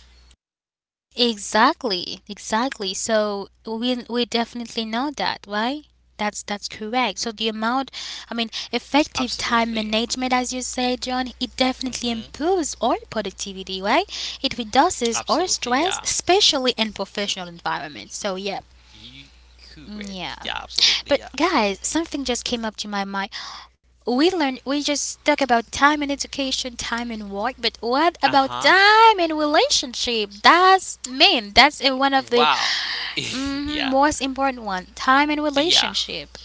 Speaker 1: Exactly, exactly. So we we definitely know that, right? That's that's correct. So the amount, I mean, effective time management,
Speaker 2: Absolutely.
Speaker 1: as you say, John, it definitely
Speaker 2: Hmm
Speaker 1: improves our productivity, right? It reduces our stress,
Speaker 2: Absolutely, yeah.
Speaker 1: especially in professional environments. So yeah,
Speaker 2: You
Speaker 1: mm, yeah.
Speaker 2: correct. Yeah,
Speaker 1: But
Speaker 2: absolutely, yeah.
Speaker 1: guys, something just came up to my mind. We learn we just talk about time and education, time and work, but what
Speaker 2: Uh
Speaker 1: about
Speaker 2: huh.
Speaker 1: time and relationship? That's mean that's uh, one of the
Speaker 2: Wow.
Speaker 1: mhm,
Speaker 2: yeah.
Speaker 1: most important one. Time and
Speaker 2: Yeah.
Speaker 1: relationship.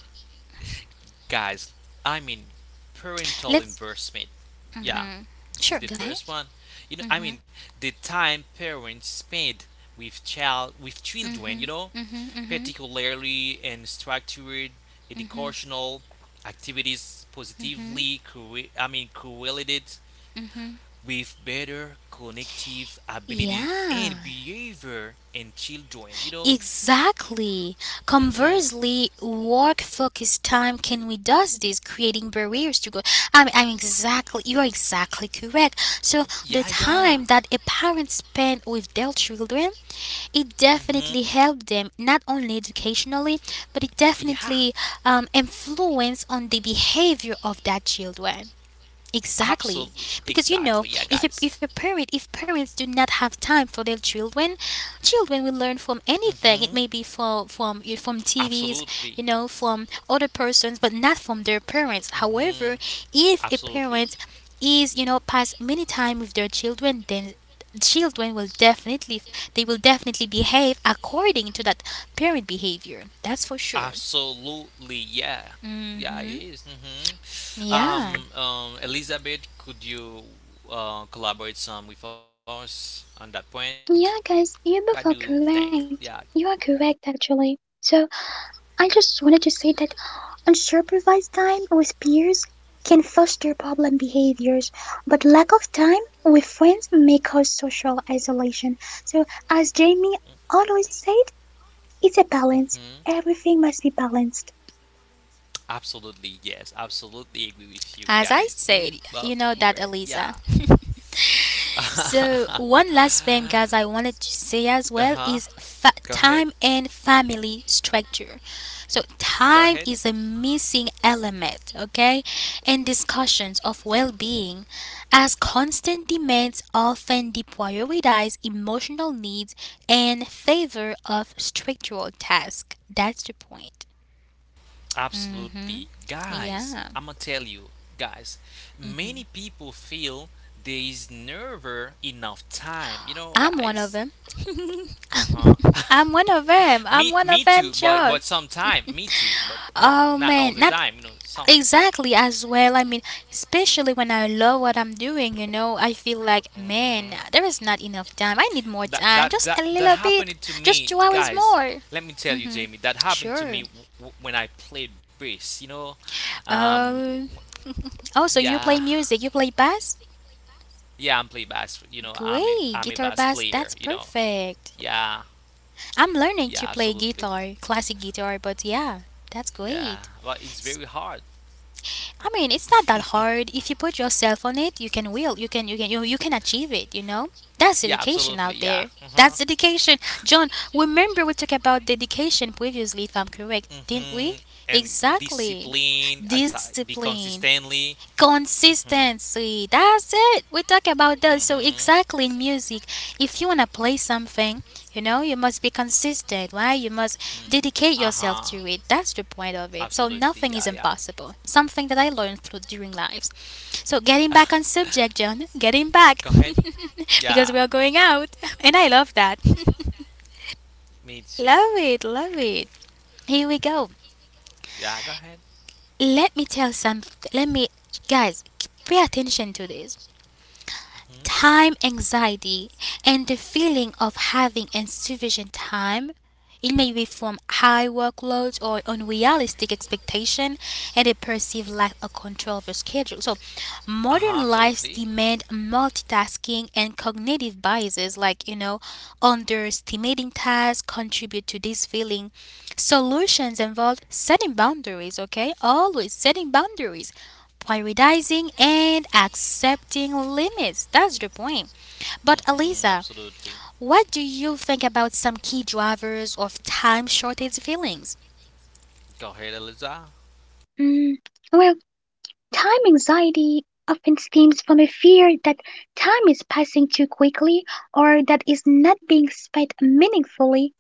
Speaker 2: Guys, I mean parental
Speaker 1: Let's.
Speaker 2: investment. Yeah,
Speaker 1: hmm
Speaker 2: this is
Speaker 1: Sure,
Speaker 2: the
Speaker 1: go ahead.
Speaker 2: first one. You know, I
Speaker 1: hmm
Speaker 2: mean the time parents spend with child with children, you know,
Speaker 1: hmm hmm
Speaker 2: particularly in structured educational activities positively corre- I mean correlated with better cognitive ability
Speaker 1: Yeah.
Speaker 2: and behavior in children, you know.
Speaker 1: Exactly.
Speaker 2: Mhm.
Speaker 1: Conversely, work focused time can reduce this, creating barriers to go. I'm, I'm exactly, you are exactly correct. So, the
Speaker 2: Yeah,
Speaker 1: time
Speaker 2: yeah.
Speaker 1: that a parent spend with their children, it
Speaker 2: Mm-hmm.
Speaker 1: definitely helped them not only educationally, but it
Speaker 2: Yeah.
Speaker 1: definitely um, influence on the behavior of that children. Exactly,
Speaker 2: Absolutely.
Speaker 1: because you know,
Speaker 2: Exactly. Yeah,
Speaker 1: if a,
Speaker 2: guys.
Speaker 1: if a parent if parents do not have time for their children, children will learn from
Speaker 2: Mm-hmm.
Speaker 1: anything. It may be for, from from T
Speaker 2: Absolutely.
Speaker 1: V's, you know, from other persons, but not from their parents.
Speaker 2: Mm-hmm.
Speaker 1: However, if a
Speaker 2: Absolutely.
Speaker 1: parent is you know pass many time with their children, then children will definitely they will definitely behave according to that parent behavior. That's for sure.
Speaker 2: Absolutely, yeah, yeah, it
Speaker 1: hmm
Speaker 2: is. Mm-hmm.
Speaker 1: Yeah,
Speaker 2: Um, um, Elizabeth, could you uh, collaborate some with us on that point?
Speaker 3: Yeah,
Speaker 2: What do
Speaker 3: guys,
Speaker 2: you
Speaker 3: you are both
Speaker 2: think? Yeah,
Speaker 3: correct. You are correct, actually. So, I just wanted to say that unsupervised time with peers can foster problem behaviors, but lack of time with friends may cause social isolation. So, as Jamie always said, it's a
Speaker 2: hmm
Speaker 3: balance. Everything must be balanced.
Speaker 2: absolutely, yes. Absolutely agree with you
Speaker 1: as
Speaker 2: guys.
Speaker 1: I
Speaker 2: You
Speaker 1: said,
Speaker 2: both
Speaker 1: you know
Speaker 2: correct.
Speaker 1: that,
Speaker 2: Yeah.
Speaker 1: Eliza.
Speaker 2: uh
Speaker 1: So one last thing, guys, I wanted to say as well
Speaker 2: huh.
Speaker 1: is fa-
Speaker 2: Go ahead.
Speaker 1: time and family structure. So
Speaker 2: Go
Speaker 1: time
Speaker 2: ahead.
Speaker 1: is a missing element, okay, in discussions of well-being, as constant demands often deprioritize emotional needs in favor of structural tasks. That's the point. Mhm.
Speaker 2: Absolutely. Guys,
Speaker 1: Yeah,
Speaker 2: I'm gonna tell you, guys, many people feel there is never enough time. You know,
Speaker 1: I'm one of them.
Speaker 2: guys. Uh huh.
Speaker 1: I'm one of them. I'm one
Speaker 2: Me
Speaker 1: of
Speaker 2: me
Speaker 1: them,
Speaker 2: too,
Speaker 1: John.
Speaker 2: but but sometime me too, but n-
Speaker 1: Oh man,
Speaker 2: not all
Speaker 1: not
Speaker 2: the time. You know, some.
Speaker 1: exactly as well. I mean, especially when I love what I'm doing, you know, I feel like, man,
Speaker 2: Mhm.
Speaker 1: there is not enough time. I need more
Speaker 2: That
Speaker 1: time, just a
Speaker 2: that that
Speaker 1: little
Speaker 2: that
Speaker 1: bit,
Speaker 2: happened to
Speaker 1: just two
Speaker 2: me,
Speaker 1: hours
Speaker 2: guys.
Speaker 1: more.
Speaker 2: Let me tell
Speaker 1: Mm-hmm.
Speaker 2: you, Jamie, that happened
Speaker 1: Sure.
Speaker 2: to me w- w- when I played bass. You know, um,
Speaker 1: Um.
Speaker 2: w-
Speaker 1: Oh, so you
Speaker 2: yeah,
Speaker 1: play music? You play bass?
Speaker 2: yeah, I'm play bass. You know, I'm a,
Speaker 1: Great,
Speaker 2: I'm a
Speaker 1: guitar
Speaker 2: bass
Speaker 1: bass.
Speaker 2: player.
Speaker 1: That's
Speaker 2: You know,
Speaker 1: perfect.
Speaker 2: yeah.
Speaker 1: I'm learning to
Speaker 2: Yeah,
Speaker 1: play
Speaker 2: absolutely.
Speaker 1: guitar, classic guitar, but yeah, that's
Speaker 2: Yeah,
Speaker 1: great.
Speaker 2: well, it's very hard.
Speaker 1: I mean, it's not that hard. If you put yourself on it, you can will. You can you can you, you can achieve it, you know? That's
Speaker 2: yeah,
Speaker 1: dedication
Speaker 2: absolutely.
Speaker 1: out
Speaker 2: Yeah.
Speaker 1: there.
Speaker 2: Uh-huh.
Speaker 1: That's dedication. John, remember we talked about dedication previously if I'm correct, didn't
Speaker 2: hmm
Speaker 1: we?
Speaker 2: And
Speaker 1: Exactly.
Speaker 2: discipline, exa- be
Speaker 1: Discipline.
Speaker 2: consistently. Hmm
Speaker 1: Consistency. That's it. We talk about those. So
Speaker 2: hmm
Speaker 1: exactly in music, if you wanna play something, you know, you must be consistent, right? You must
Speaker 2: Mm.
Speaker 1: dedicate
Speaker 2: Uh
Speaker 1: yourself
Speaker 2: huh.
Speaker 1: to it. That's the point of it. So
Speaker 2: Absolutely.
Speaker 1: nothing is
Speaker 2: Yeah, yeah.
Speaker 1: impossible. Something that I learned through during
Speaker 2: Mhm.
Speaker 1: lives. So getting back on subject, John. Getting back.
Speaker 2: go ahead. Yeah,
Speaker 1: Because we are going out. And I love that.
Speaker 2: me too.
Speaker 1: Love it, love it. Here we go.
Speaker 2: Yeah, go ahead.
Speaker 1: Let me tell some. Let me, guys, pay attention to this.
Speaker 2: Hmm
Speaker 1: Time anxiety and the feeling of having insufficient time, it may be from high workloads or unrealistic expectation and a perceived lack of control over schedule. So
Speaker 2: Uh huh.
Speaker 1: modern lives
Speaker 2: Absolutely.
Speaker 1: demand multitasking and cognitive biases like, you know, underestimating tasks contribute to this feeling. Solutions involve setting boundaries, okay? Always setting boundaries. Prioritizing and accepting limits. That's the point. But
Speaker 2: Hmm
Speaker 1: Eliza,
Speaker 2: Absolutely.
Speaker 1: what do you think about some key drivers of time shortage feelings?
Speaker 2: Go ahead, Eliza.
Speaker 3: Mm, well, time anxiety often stems from a fear that time is passing too quickly or that is not being spent meaningfully.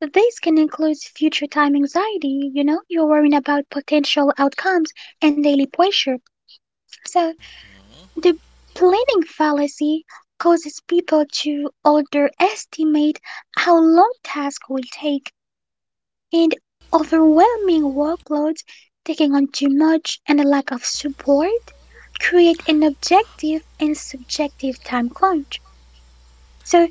Speaker 3: This can include future time anxiety, you know, you're worrying about potential outcomes and daily pressure. So
Speaker 2: Mm-hmm.
Speaker 3: the planning fallacy causes people to underestimate how long tasks will take and overwhelming workloads, taking on too much and a lack of support create an objective and subjective time crunch. So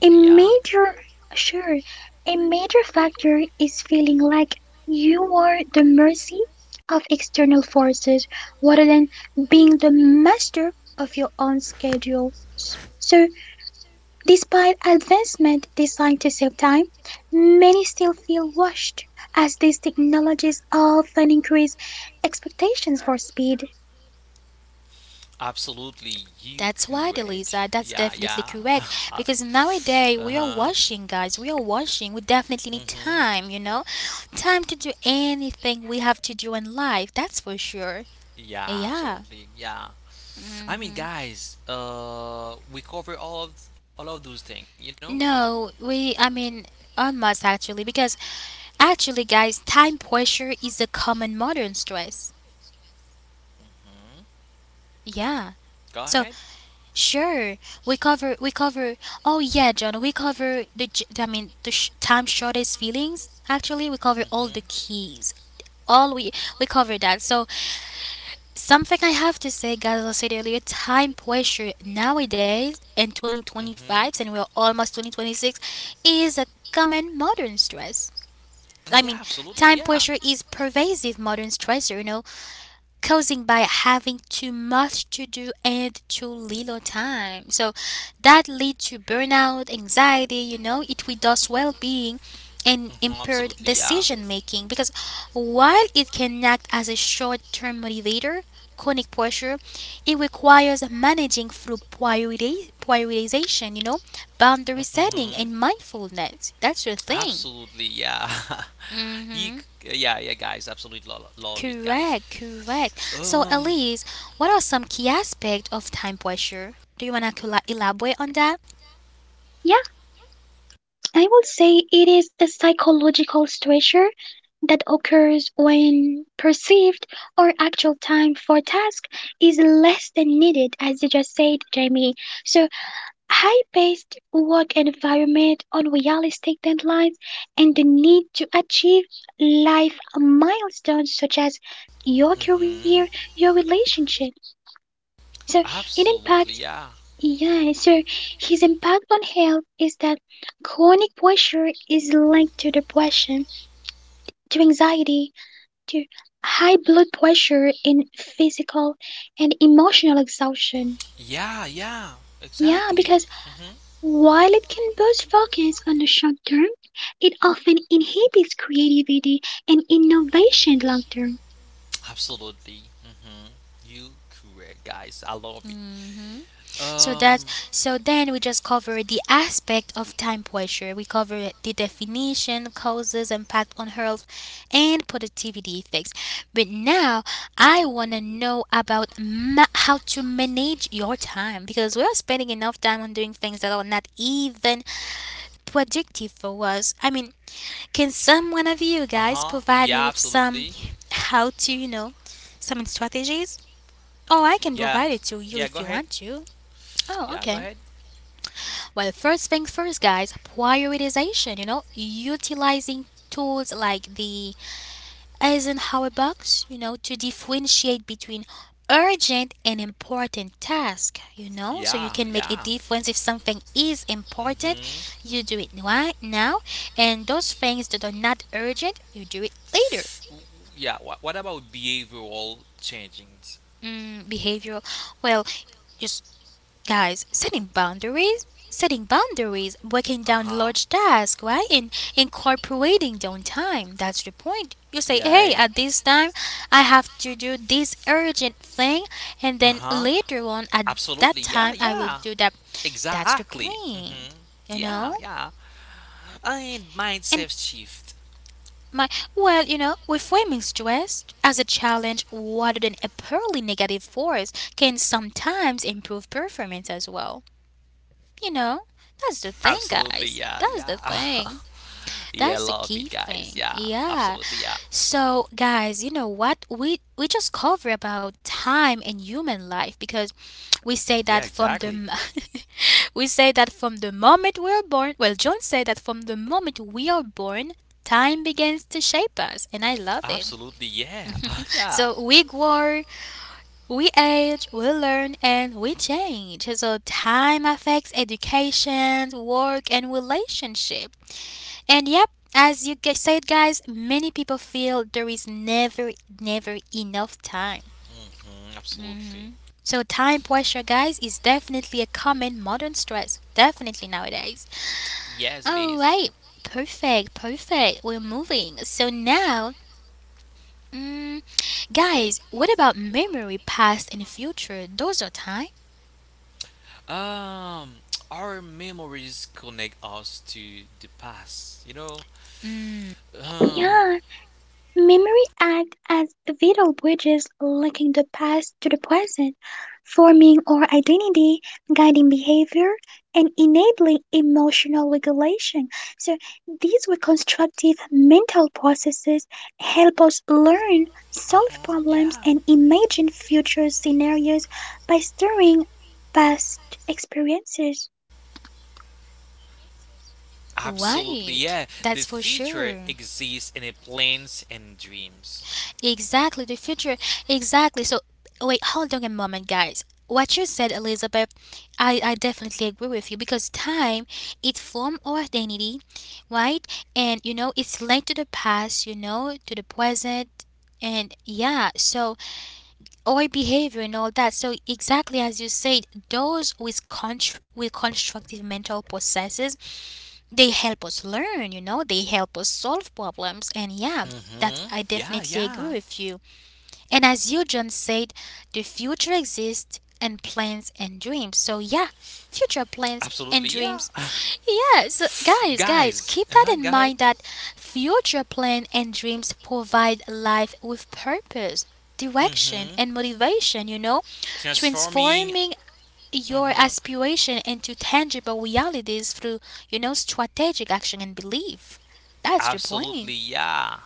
Speaker 3: a
Speaker 2: yeah.
Speaker 3: major sure, a major factor is feeling like you are the mercy of external forces rather than being the master of your own schedule. So, despite advancement designed to save time, many still feel rushed as these technologies often increase expectations for speed.
Speaker 2: Absolutely, you
Speaker 1: That's right,
Speaker 2: courage.
Speaker 1: Elisa. That's
Speaker 2: Yeah,
Speaker 1: definitely
Speaker 2: yeah.
Speaker 1: correct.
Speaker 2: uh
Speaker 1: Because nowadays we are
Speaker 2: huh.
Speaker 1: washing, guys. We are washing. We definitely
Speaker 2: Mm
Speaker 1: need
Speaker 2: hmm.
Speaker 1: time, you know? Time to do anything we have to do in life. That's for sure.
Speaker 2: Yeah,
Speaker 1: Yeah.
Speaker 2: absolutely. Yeah. I mean, guys, uh, we cover all of all of those things, you know.
Speaker 1: No, we, I mean, almost actually. Because actually, guys, time pressure is a common modern stress.
Speaker 2: Mhm.
Speaker 1: Yeah.
Speaker 2: Go ahead.
Speaker 1: So sure, we cover we cover. Oh yeah, John, we cover the j- I mean the sh- time shortest feelings. Actually, we cover all
Speaker 2: Mhm.
Speaker 1: the keys. All we we cover that. So something I have to say, guys, as I said earlier, time pressure nowadays in
Speaker 2: Mhm.
Speaker 1: twenty twenty-five, and we're almost twenty twenty-six, is a common modern stress. I
Speaker 2: And
Speaker 1: mean,
Speaker 2: yeah, absolutely.
Speaker 1: time
Speaker 2: Yeah.
Speaker 1: pressure is pervasive modern stressor. You know, causing by having too much to do and too little time. So that lead to burnout, anxiety, you know, it reduces well-being and
Speaker 2: Mhm,
Speaker 1: impaired
Speaker 2: absolutely, yeah.
Speaker 1: decision making because while it can act as a short-term motivator, chronic pressure, it requires managing through priority, prioritization, you know, boundary setting
Speaker 2: Mhm.
Speaker 1: and mindfulness. That's your thing.
Speaker 2: Absolutely, yeah. you,
Speaker 1: Mhm.
Speaker 2: c- yeah, yeah, guys, absolutely lo- love it, guys.
Speaker 1: Correct, correct. So,
Speaker 2: Um,
Speaker 1: Elise, what are some key aspects of time pressure? Do you want to elaborate on that?
Speaker 3: Yeah, I would say it is a psychological stressor that occurs when perceived or actual time for task is less than needed, as you just said, Jamie. So, high paced work environment, unrealistic deadlines, and the need to achieve life milestones such as your career,
Speaker 2: mhm.
Speaker 3: your relationship. So, it impacts
Speaker 2: Absolutely, yeah.
Speaker 3: yeah, so his impact on health is that chronic pressure is linked to depression, to anxiety, to high blood pressure and physical and emotional exhaustion.
Speaker 2: Yeah, yeah,
Speaker 3: Yeah, because
Speaker 2: exactly. Mm-hmm.
Speaker 3: while it can boost focus on the short term, it often inhibits creativity and innovation long term.
Speaker 2: Absolutely. Hmm You correct, guys. I love it.
Speaker 1: hmm So that,
Speaker 2: Um,
Speaker 1: so then we just cover the aspect of time pressure. We cover the definition, causes, impact on health, and productivity effects. But now I want to know about ma- how to manage your time because we are spending enough time on doing things that are not even productive for us. I mean, can some one of you
Speaker 2: uh
Speaker 1: guys
Speaker 2: huh.
Speaker 1: provide me with
Speaker 2: Yeah,
Speaker 1: some
Speaker 2: absolutely.
Speaker 1: how to, you know,
Speaker 2: Yes.
Speaker 1: some strategies? Oh, I can provide it
Speaker 2: Yeah.
Speaker 1: to you if you
Speaker 2: Yeah, go
Speaker 1: want
Speaker 2: ahead.
Speaker 1: to. Oh, okay.
Speaker 2: Yeah, go ahead.
Speaker 1: Well, first thing first, guys, prioritization, you know, utilizing tools like the Eisenhower box, you know, to differentiate between urgent and important task, you know, so you can
Speaker 2: Yeah,
Speaker 1: make a
Speaker 2: yeah.
Speaker 1: difference if something is important,
Speaker 2: Mm-hmm.
Speaker 1: you do it right now, and those things that are not urgent, you do it later.
Speaker 2: Yeah. What, what about behavioral changing?
Speaker 1: Mm, behavioral, well, just guys, setting boundaries, setting boundaries, breaking
Speaker 2: Uh
Speaker 1: down
Speaker 2: huh.
Speaker 1: large tasks, right, and incorporating down time. That's the point. You say, hey,
Speaker 2: Yeah.
Speaker 1: at this time I have to do this urgent thing, and then
Speaker 2: Uh huh.
Speaker 1: later on at that
Speaker 2: Absolutely.
Speaker 1: time
Speaker 2: Yeah.
Speaker 1: I will do
Speaker 2: Yeah.
Speaker 1: that. That's the
Speaker 2: Exactly. Mm-hmm.
Speaker 1: point, you
Speaker 2: Yeah,
Speaker 1: know.
Speaker 2: yeah. And
Speaker 1: And
Speaker 2: mindset shift.
Speaker 1: my, well, you know, reframing stress as a challenge rather than a purely negative force can sometimes improve performance as well. You know, that's the thing,
Speaker 2: Absolutely, yeah,
Speaker 1: guys.
Speaker 2: yeah.
Speaker 1: That's the thing.
Speaker 2: yeah,
Speaker 1: That's
Speaker 2: love
Speaker 1: the
Speaker 2: it,
Speaker 1: key
Speaker 2: guys. Yeah,
Speaker 1: thing. Yeah.
Speaker 2: absolutely, yeah.
Speaker 1: So, guys, you know what? We we just cover about time and human life because we say
Speaker 2: Yeah,
Speaker 1: that from the
Speaker 2: exactly.
Speaker 1: m- we say that from the moment we are born. Well, John said that from the moment we are born, time begins to shape us, and I love it.
Speaker 2: Absolutely, yeah. yeah.
Speaker 1: So we grow, we age, we learn, and we change. So time affects education, work, and relationship. And yep, as you gu- said, guys, many people feel there is never, never enough time.
Speaker 2: Hmm,
Speaker 1: hmm
Speaker 2: absolutely.
Speaker 1: So time pressure, guys, is definitely a common modern stress. Definitely nowadays.
Speaker 2: Yes, it
Speaker 1: All
Speaker 2: is.
Speaker 1: right, perfect, perfect. We're moving. So now, mm, guys, what about memory, past, and future? Those are time.
Speaker 2: Um, our memories connect us to the past. You know, um,
Speaker 3: Yeah, memory act as vital bridges linking the past to the present, forming our identity, guiding behavior, and enabling emotional regulation. So these reconstructive mental processes help us learn,
Speaker 2: uh
Speaker 3: solve
Speaker 2: huh,
Speaker 3: problems,
Speaker 2: yeah,
Speaker 3: and imagine future scenarios by stirring past experiences.
Speaker 2: absolutely, yeah. The
Speaker 1: Right,
Speaker 2: future
Speaker 1: that's for
Speaker 2: exists in the
Speaker 1: sure.
Speaker 2: plans and dreams.
Speaker 1: Exactly, the future. Exactly. So, wait, hold on a moment, guys. What you said, Elizabeth, I, I definitely agree with you because time, it forms our identity, right? And you know, it's linked to the past, you know, to the present, and yeah, so our behavior and all that. So exactly as you said, those with contr- with constructive mental processes, they help us learn, you know, they help us solve problems, and yeah,
Speaker 2: Mm
Speaker 1: that
Speaker 2: hmm.
Speaker 1: I
Speaker 2: Yeah,
Speaker 1: definitely agree
Speaker 2: yeah.
Speaker 1: with you. And as you, John, said, the future exists in plans and dreams. So yeah, future plans
Speaker 2: Absolutely,
Speaker 1: and
Speaker 2: yeah.
Speaker 1: dreams. Yeah, so guys, guys,
Speaker 2: Guys,
Speaker 1: keep that
Speaker 2: uh-huh, go
Speaker 1: in
Speaker 2: ahead.
Speaker 1: mind that future plan and dreams provide life with purpose, direction
Speaker 2: Hmm.
Speaker 1: and motivation, you know,
Speaker 2: Transforming.
Speaker 1: transforming your
Speaker 2: Uh-huh.
Speaker 1: aspiration into tangible realities through, you know, strategic action and belief. That's the point.
Speaker 2: Absolutely, yeah.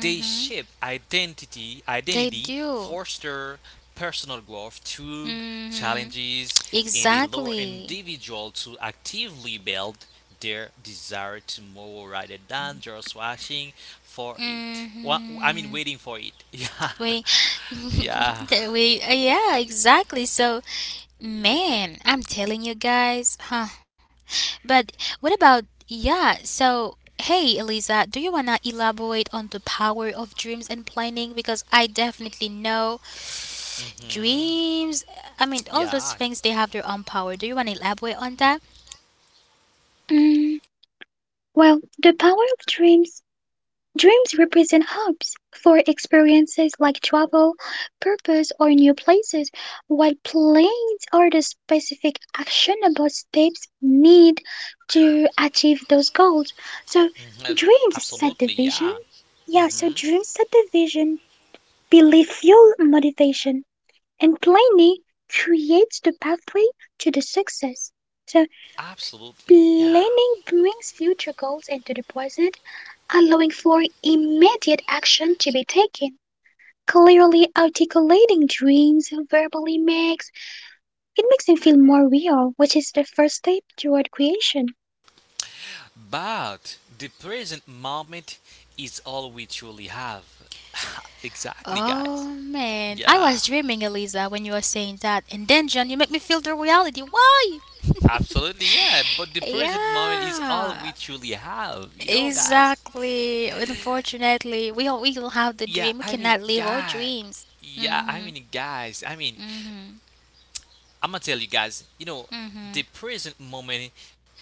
Speaker 2: They shape identity,
Speaker 1: they
Speaker 2: identity,
Speaker 1: do.
Speaker 2: foster personal growth through
Speaker 1: hmm
Speaker 2: challenges, and allow
Speaker 1: exactly.
Speaker 2: individual to actively build their desire tomorrow rather than just watching for it. Well, I mean,
Speaker 1: hmm
Speaker 2: waiting for it.
Speaker 1: we
Speaker 2: Yeah,
Speaker 1: that we uh, yeah, exactly. So man, I'm telling you guys, huh? But what about, yeah, so hey Eliza, do you want to elaborate on the power of dreams and planning? Because I definitely know
Speaker 2: yeah, hmm,
Speaker 1: dreams, I mean, all those
Speaker 2: yeah.
Speaker 1: things, they have their own power. Do you want to elaborate on that?
Speaker 3: Mm, Well, the power of dreams. Dreams represent hopes for experiences like travel, purpose, or new places, while plans are the specific actionable steps needed to achieve those goals. So,
Speaker 2: Mhm, abs-
Speaker 3: dreams set the
Speaker 2: Absolutely,
Speaker 3: vision.
Speaker 2: yeah.
Speaker 3: Yeah, so
Speaker 2: Hmm.
Speaker 3: dreams set the vision, belief fuel motivation, and planning creates the pathway to the success. So,
Speaker 2: Absolutely, yeah.
Speaker 3: planning brings future goals into the present allowing for immediate action to be taken. Clearly articulating dreams verbally makes it makes them feel more real, which is the first step toward creation.
Speaker 2: But the present moment is all we truly have. exactly, guys.
Speaker 1: Oh man, I
Speaker 2: Yeah,
Speaker 1: was dreaming, Eliza, when you were saying that, and then John, you make me feel the reality. Why?
Speaker 2: absolutely, yeah. But the present moment is all
Speaker 1: Yeah,
Speaker 2: we truly have, you know, guys.
Speaker 1: exactly, unfortunately, we all we all have the
Speaker 2: Yeah,
Speaker 1: dream, we
Speaker 2: I mean,
Speaker 1: cannot live our
Speaker 2: guy.
Speaker 1: dreams.
Speaker 2: Yeah, I
Speaker 1: Mm-hmm.
Speaker 2: mean, guys. I mean,
Speaker 1: Mm-hmm.
Speaker 2: I'm gonna tell you guys, you know,
Speaker 1: Mm-hmm.
Speaker 2: the present moment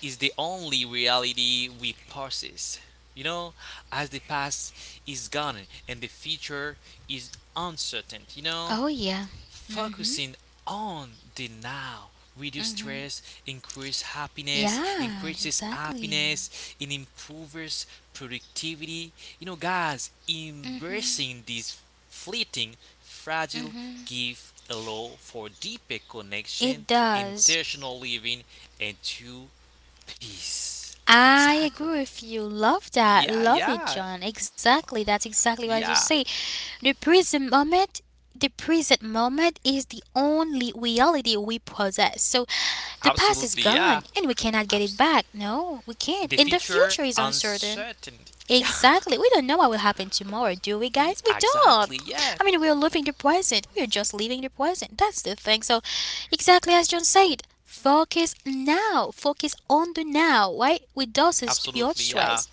Speaker 2: is the only reality we possess. You know, as the past is gone and the future is uncertain, you know?
Speaker 1: Oh yeah. Mm-hmm.
Speaker 2: Focusing on the now reduce
Speaker 1: Mm-hmm.
Speaker 2: stress, increase happiness,
Speaker 1: Yeah,
Speaker 2: increases
Speaker 1: exactly.
Speaker 2: happiness, it improves productivity. You know, guys, embracing this fleeting, fragile
Speaker 1: Mm-hmm.
Speaker 2: gift allow for deeper
Speaker 1: It
Speaker 2: connection,
Speaker 1: does.
Speaker 2: intentional living, and true peace.
Speaker 1: I
Speaker 2: Exactly.
Speaker 1: agree with you. Love that.
Speaker 2: Yeah,
Speaker 1: Love it,
Speaker 2: yeah,
Speaker 1: John. Exactly. That's exactly what you
Speaker 2: yeah.
Speaker 1: say. The present moment, the present moment is the only reality we possess. So the past is
Speaker 2: Absolutely, yeah.
Speaker 1: gone and we cannot get it
Speaker 2: Abs-
Speaker 1: back. No, we
Speaker 2: the
Speaker 1: can't. And the
Speaker 2: future
Speaker 1: future is uncertain.
Speaker 2: uncertainty. Yeah.
Speaker 1: Exactly. We don't know what will happen tomorrow, do we,
Speaker 2: E-
Speaker 1: guys? We don't.
Speaker 2: Exactly. Yeah.
Speaker 1: I mean, we're living the present. We're just living the present. That's the thing. So, exactly as John said, focus now. Focus on the now, right? Reduces your
Speaker 2: Absolutely. Yeah.
Speaker 1: stress,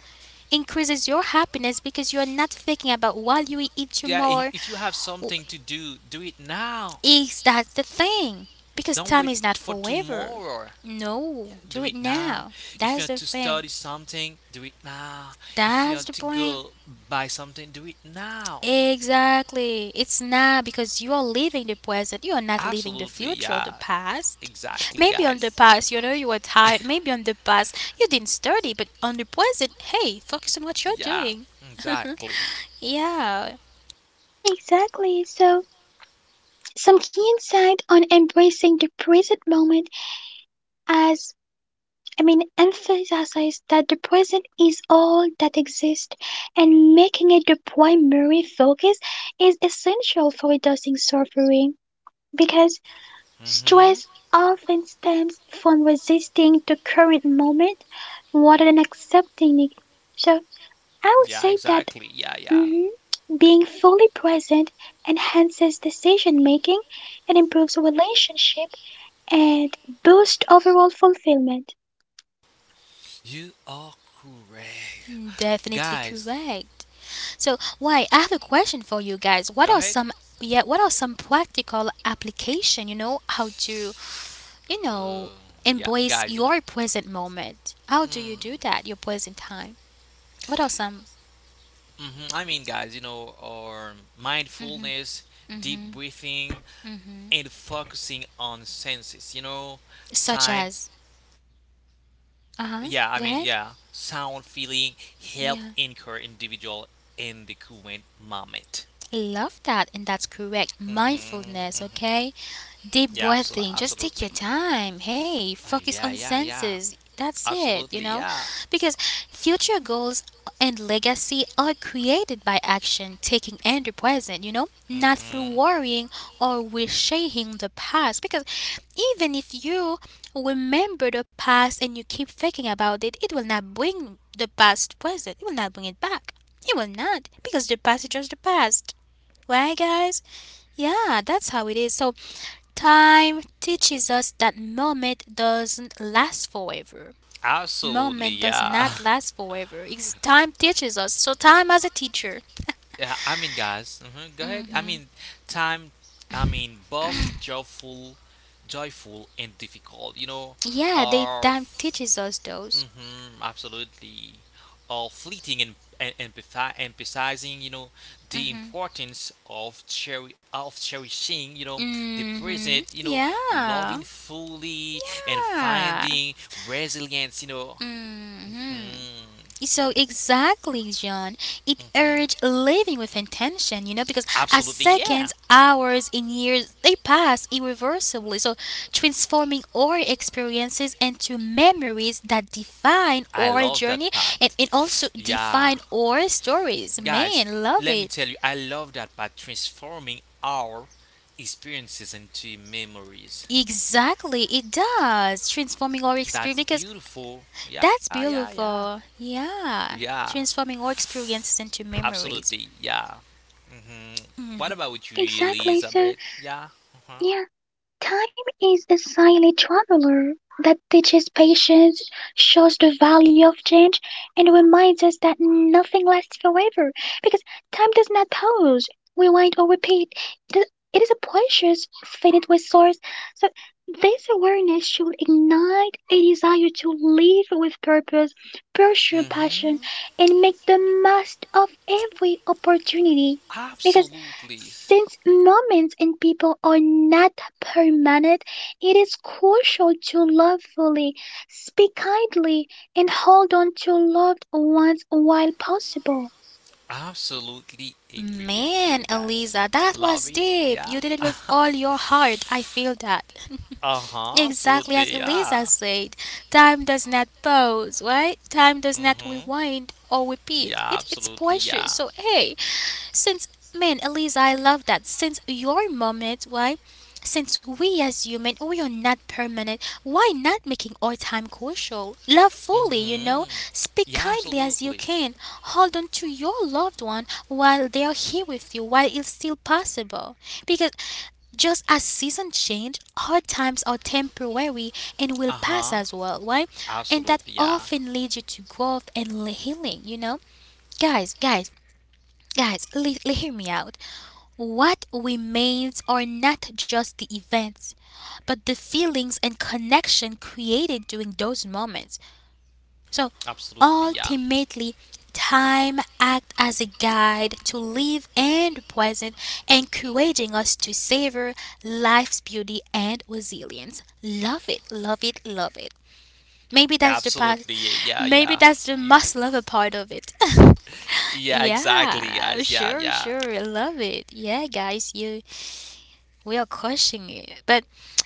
Speaker 1: increases your happiness because you're not thinking about what you will eat
Speaker 2: Yeah. If,
Speaker 1: tomorrow.
Speaker 2: if you have something to do, do it now.
Speaker 1: Is that the thing? Because
Speaker 2: Don't
Speaker 1: time
Speaker 2: wait
Speaker 1: is not
Speaker 2: for
Speaker 1: forever.
Speaker 2: tomorrow.
Speaker 1: No,
Speaker 2: Do
Speaker 1: do
Speaker 2: it
Speaker 1: it
Speaker 2: now.
Speaker 1: now.
Speaker 2: If you have
Speaker 1: That's
Speaker 2: to
Speaker 1: the
Speaker 2: study
Speaker 1: thing.
Speaker 2: something, do it now. If you
Speaker 1: That's
Speaker 2: have
Speaker 1: the
Speaker 2: to
Speaker 1: point.
Speaker 2: go buy something, do it now.
Speaker 1: Exactly. It's now because you are living the present. You are not living the
Speaker 2: Absolutely.
Speaker 1: future or the
Speaker 2: Yeah.
Speaker 1: past.
Speaker 2: Exactly,
Speaker 1: Maybe on the
Speaker 2: guys.
Speaker 1: past, you know, you were tired. Maybe on the past, you didn't study. But on the present, hey, focus on what you're
Speaker 2: Yeah.
Speaker 1: doing.
Speaker 2: Exactly.
Speaker 1: Yeah,
Speaker 3: Exactly. So, some key insight on embracing the present moment as I mean, emphasizes that the present is all that exists, and making it the primary focus is essential for reducing suffering because
Speaker 2: Mm-hmm.
Speaker 3: stress often stems from resisting the current moment rather than accepting it. So I would
Speaker 2: Yeah,
Speaker 3: say that
Speaker 2: exactly. Yeah, yeah.
Speaker 3: mhm, being fully present enhances decision making, it improves relationship and boosts overall fulfillment.
Speaker 2: You are correct.
Speaker 1: definitely
Speaker 2: Guys,
Speaker 1: correct. So, why? I have a question for you guys.
Speaker 2: go
Speaker 1: What are
Speaker 2: ahead.
Speaker 1: some, yeah? What are some practical application? You know how to, you know,
Speaker 2: Uh, yeah,
Speaker 1: embrace
Speaker 2: guys, you know.
Speaker 1: your present moment. How do you do
Speaker 2: Mm,
Speaker 1: that? Your present time. What are some?
Speaker 2: hmm, I mean, guys, you know, or mindfulness, deep
Speaker 1: Mm-hmm,
Speaker 2: breathing,
Speaker 1: mm.
Speaker 2: and focusing on senses. You know,
Speaker 1: Such
Speaker 2: sign.
Speaker 1: as.
Speaker 2: Yeah, I mean, yeah,
Speaker 1: Uh huh. Go
Speaker 2: sound,
Speaker 1: ahead.
Speaker 2: feeling help anchor
Speaker 1: Yeah.
Speaker 2: individual in the current moment.
Speaker 1: Love that, and that's
Speaker 2: Hmm.
Speaker 1: correct.
Speaker 2: Hmm.
Speaker 1: Mindfulness, okay?
Speaker 2: Yeah,
Speaker 1: Deep
Speaker 2: absolutely,
Speaker 1: breathing,
Speaker 2: absolutely.
Speaker 1: just take your time.
Speaker 2: Uh,
Speaker 1: Hey,
Speaker 2: yeah,
Speaker 1: focus on
Speaker 2: yeah, yeah,
Speaker 1: senses. That's it,
Speaker 2: absolutely,
Speaker 1: you know?
Speaker 2: yeah.
Speaker 1: Because future goals and legacy are created by action taking in the present, you know? Not
Speaker 2: Hmm.
Speaker 1: through worrying or reshaping the past. Because even if you remember the past and you keep thinking about it, it will not bring the past to present. It will not bring it back. It will not, because the past is just the past. Right, guys? Yeah, that's how it is. So, time teaches us that moment doesn't last forever.
Speaker 2: Absolutely,
Speaker 1: Moment does
Speaker 2: yeah.
Speaker 1: not last forever. It's, time teaches us. So, time as a teacher.
Speaker 2: Yeah, I mean, guys, hmm go ahead. I mean, time. I mean, both joyful, joyful and difficult. You know,
Speaker 1: Yeah, they,
Speaker 2: are
Speaker 1: time teaches us those.
Speaker 2: mm-hmm, absolutely, are fleeting and and empathize, emphasizing. You know, the importance of cherry of cherishing. You know, the present.
Speaker 1: Mhm.
Speaker 2: You know,
Speaker 1: Yeah.
Speaker 2: loving fully and
Speaker 1: Yeah.
Speaker 2: finding resilience. You know,
Speaker 1: Mhm.
Speaker 2: hmm.
Speaker 1: So exactly, John. It urged
Speaker 2: Hmm.
Speaker 1: living with intention, you know, because as
Speaker 2: Absolutely, yeah.
Speaker 1: seconds, hours, and years, they pass irreversibly. So transforming our experiences into memories that define
Speaker 2: I love
Speaker 1: our
Speaker 2: that
Speaker 1: journey
Speaker 2: part.
Speaker 1: and, and also
Speaker 2: Yeah.
Speaker 1: define our stories.
Speaker 2: Guys,
Speaker 1: Man,
Speaker 2: let
Speaker 1: love
Speaker 2: me
Speaker 1: it.
Speaker 2: tell you, I love that part transforming our experiences into memories.
Speaker 1: Exactly, it does. Transforming our
Speaker 2: That's
Speaker 1: experience because
Speaker 2: beautiful. Yeah,
Speaker 1: that's
Speaker 2: yeah, yeah.
Speaker 1: beautiful.
Speaker 2: Yeah,
Speaker 1: Yeah. Transforming our experiences into
Speaker 2: absolutely.
Speaker 1: memories.
Speaker 2: Yeah. Hmm. What
Speaker 1: Mm.
Speaker 2: about with you,
Speaker 3: Exactly.
Speaker 2: Elizabeth?
Speaker 3: So
Speaker 2: Yeah. Uh-huh.
Speaker 3: yeah. Time is a silent traveler that teaches patience, shows the value of change, and reminds us that nothing lasts forever because time does not pause, rewind, or repeat. It is, it is a precious, finite resource. So, this awareness should ignite a desire to live with purpose, pursue
Speaker 2: Hmm.
Speaker 3: passion, and make the most of every opportunity. Because
Speaker 2: Absolutely.
Speaker 3: since moments and people are not permanent, it is crucial to love fully, speak kindly, and hold on to loved ones while possible.
Speaker 2: Absolutely agree with you
Speaker 1: Man,
Speaker 2: guys.
Speaker 1: Eliza, that
Speaker 2: Love it.
Speaker 1: was
Speaker 2: Yeah.
Speaker 1: deep. You did it
Speaker 2: uh
Speaker 1: with all your heart. I feel that.
Speaker 2: huh. Absolutely.
Speaker 1: Exactly as
Speaker 2: Yeah.
Speaker 1: Eliza said, time does not pause, right? Time does not
Speaker 2: Mm-hmm.
Speaker 1: rewind or repeat.
Speaker 2: Yeah,
Speaker 1: It, it's
Speaker 2: absolutely. Yeah.
Speaker 1: precious. So, hey, since, man, Eliza, I love that. Since your moment, why? Since we as human, we are not permanent, why not making our time crucial? Love fully, you know.
Speaker 2: Hmm.
Speaker 1: Speak
Speaker 2: Yeah,
Speaker 1: kindly as you
Speaker 2: absolutely.
Speaker 1: can. Hold on to your loved one while they are here with you, while it's still possible. Because just as seasons change, hard times are temporary and
Speaker 2: Uh
Speaker 1: will pass
Speaker 2: huh.
Speaker 1: as well, why? And that
Speaker 2: Absolutely. Yeah.
Speaker 1: often leads you to growth and healing, you know? Guys, guys, guys, li- li- hear me out. What remains are not just the events, but the feelings and connection created during those moments. So
Speaker 2: Absolutely. Yeah.
Speaker 1: ultimately, time acts as a guide to live and the present, encouraging us to savor life's beauty and resilience. Love it, love it, love it. Maybe that's the part,
Speaker 2: Absolutely. Yeah.
Speaker 1: maybe
Speaker 2: Yeah.
Speaker 1: that's the
Speaker 2: You.
Speaker 1: must love a part of it.
Speaker 2: Yeah. Exactly,
Speaker 1: Yeah,
Speaker 2: guys. Yeah.
Speaker 1: sure,
Speaker 2: Yeah.
Speaker 1: sure. I love it. Yeah, guys, you we are crushing it. But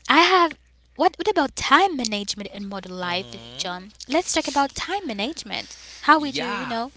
Speaker 1: I have. What, what about time management in modern life,
Speaker 2: Hmm.
Speaker 1: John? Let's talk about time management. How we do,
Speaker 2: Yeah.
Speaker 1: you know?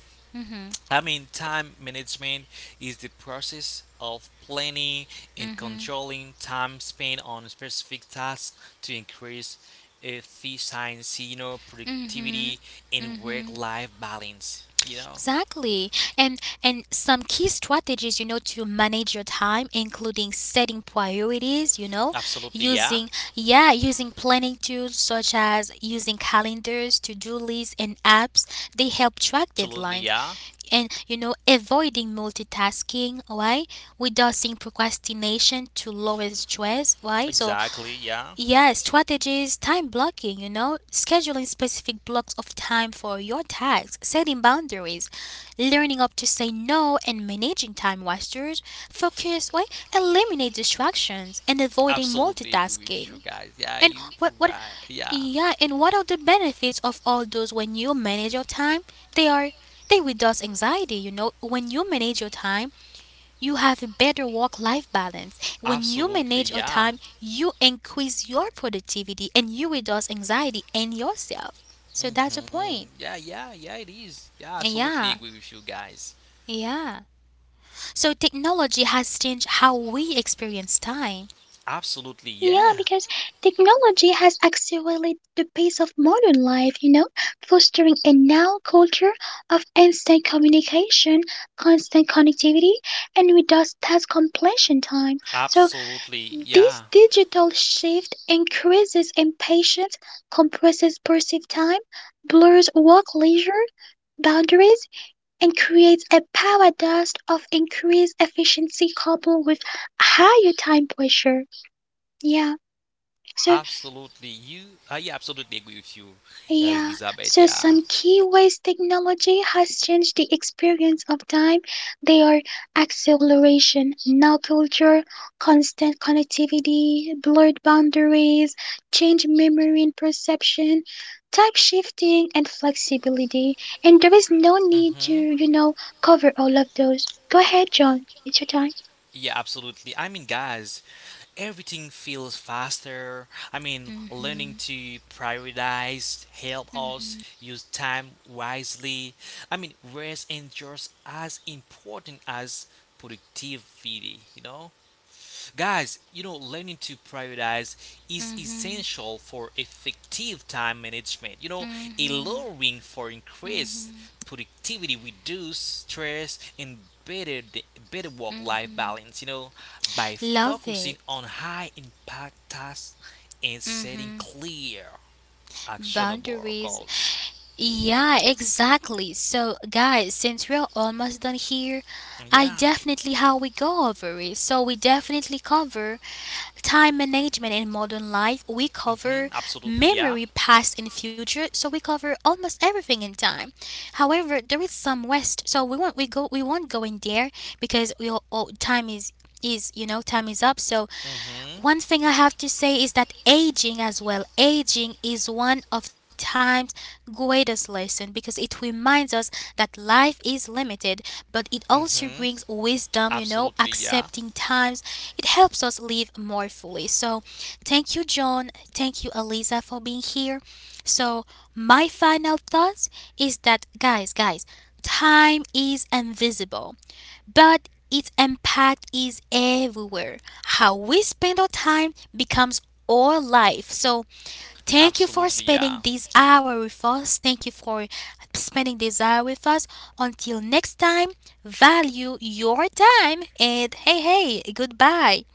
Speaker 2: I mean, time management is the process of planning and controlling time spent on specific tasks to increase efficiency, you know,
Speaker 1: Mm-hmm.
Speaker 2: productivity and work-life balance. You know.
Speaker 1: Exactly. And and some key strategies, you know, to manage your time, including setting priorities, you know,
Speaker 2: Absolutely, yeah.
Speaker 1: using, yeah, using planning tools such as using calendars, to-do lists and apps. They help track
Speaker 2: Absolutely,
Speaker 1: deadlines.
Speaker 2: yeah.
Speaker 1: And you know, avoiding multitasking, right? Reducing procrastination to lower stress, right? So
Speaker 2: Exactly, yeah.
Speaker 1: yeah, strategies, time blocking, you know, scheduling specific blocks of time for your tasks, setting boundaries, learning up to say no and managing time wasters, focus, why, eliminate distractions and avoiding
Speaker 2: Absolutely agree with you
Speaker 1: multitasking.
Speaker 2: guys. Yeah,
Speaker 1: And
Speaker 2: you
Speaker 1: what what
Speaker 2: right. Yeah.
Speaker 1: yeah, and what are the benefits of all those when you manage your time? They are, they reduce anxiety, you know, when you manage your time you have a better work life balance. When you
Speaker 2: Absolutely,
Speaker 1: manage your
Speaker 2: yeah.
Speaker 1: time, you increase your productivity and you reduce anxiety in yourself. So that's the
Speaker 2: Hmm.
Speaker 1: point.
Speaker 2: Yeah, yeah, yeah, it is. Yeah, absolutely
Speaker 1: Yeah.
Speaker 2: agree with you guys.
Speaker 1: Yeah. So technology has changed how we experience time.
Speaker 2: Absolutely,
Speaker 3: Yeah,
Speaker 2: yeah.
Speaker 3: because technology has accelerated the pace of modern life, you know, fostering a now culture of instant communication, constant connectivity, and reduced task completion time. So,
Speaker 2: Absolutely,
Speaker 3: this
Speaker 2: yeah.
Speaker 3: digital shift increases impatience, compresses perceived time, blurs work-leisure boundaries, and creates a paradox of increased efficiency coupled with higher time pressure. Yeah. So
Speaker 2: Absolutely, you. I absolutely agree with you,
Speaker 3: yeah,
Speaker 2: Elizabeth.
Speaker 3: so
Speaker 2: Yeah.
Speaker 3: some key ways technology has changed the experience of time, they are acceleration, now culture, constant connectivity, blurred boundaries, change memory and perception, type shifting and flexibility. And there is no need to,
Speaker 2: Mm-hmm.
Speaker 3: you know, cover all of those. Go ahead, John. It's your time.
Speaker 2: Yeah, absolutely. I mean, guys, everything feels faster. I mean,
Speaker 1: hmm
Speaker 2: learning to prioritize help us use time wisely. I mean, rest and just as important as productivity, you know? Guys, you know, learning to prioritize is essential for effective time management. You know, allowing for increased productivity, reduce stress, and better better work-life balance. You know, by
Speaker 1: Love
Speaker 2: focusing
Speaker 1: it.
Speaker 2: on high-impact tasks and setting clear, actionable
Speaker 1: Boundaries.
Speaker 2: goals.
Speaker 1: Yeah, exactly. So, guys, since we're almost done here, I
Speaker 2: Yeah.
Speaker 1: definitely how we go over it. So, we definitely cover time management in modern life, we
Speaker 2: Mm-hmm.
Speaker 1: cover
Speaker 2: Absolutely. Yeah.
Speaker 1: memory, past, and future. So we cover almost everything in time. However, there is some waste. So we won't we go we won't go in there because we all, all time is is you know, time is up. So
Speaker 2: Mm-hmm.
Speaker 1: one thing I have to say is that aging as well, aging is one of time's greatest lesson because it reminds us that life is limited, but it also
Speaker 2: Mm-hmm.
Speaker 1: brings wisdom, you know,
Speaker 2: Absolutely. Yeah.
Speaker 1: accepting times. It helps us live more fully. So thank you, John. Thank you, Eliza, for being here. So my final thoughts is that guys, guys, time is invisible but its impact is everywhere. How we spend our time becomes our life. So, thank you for
Speaker 2: Absolutely. Yeah.
Speaker 1: spending this hour with us. Thank you for spending this hour with us. Until next time, value your time and hey, hey, goodbye.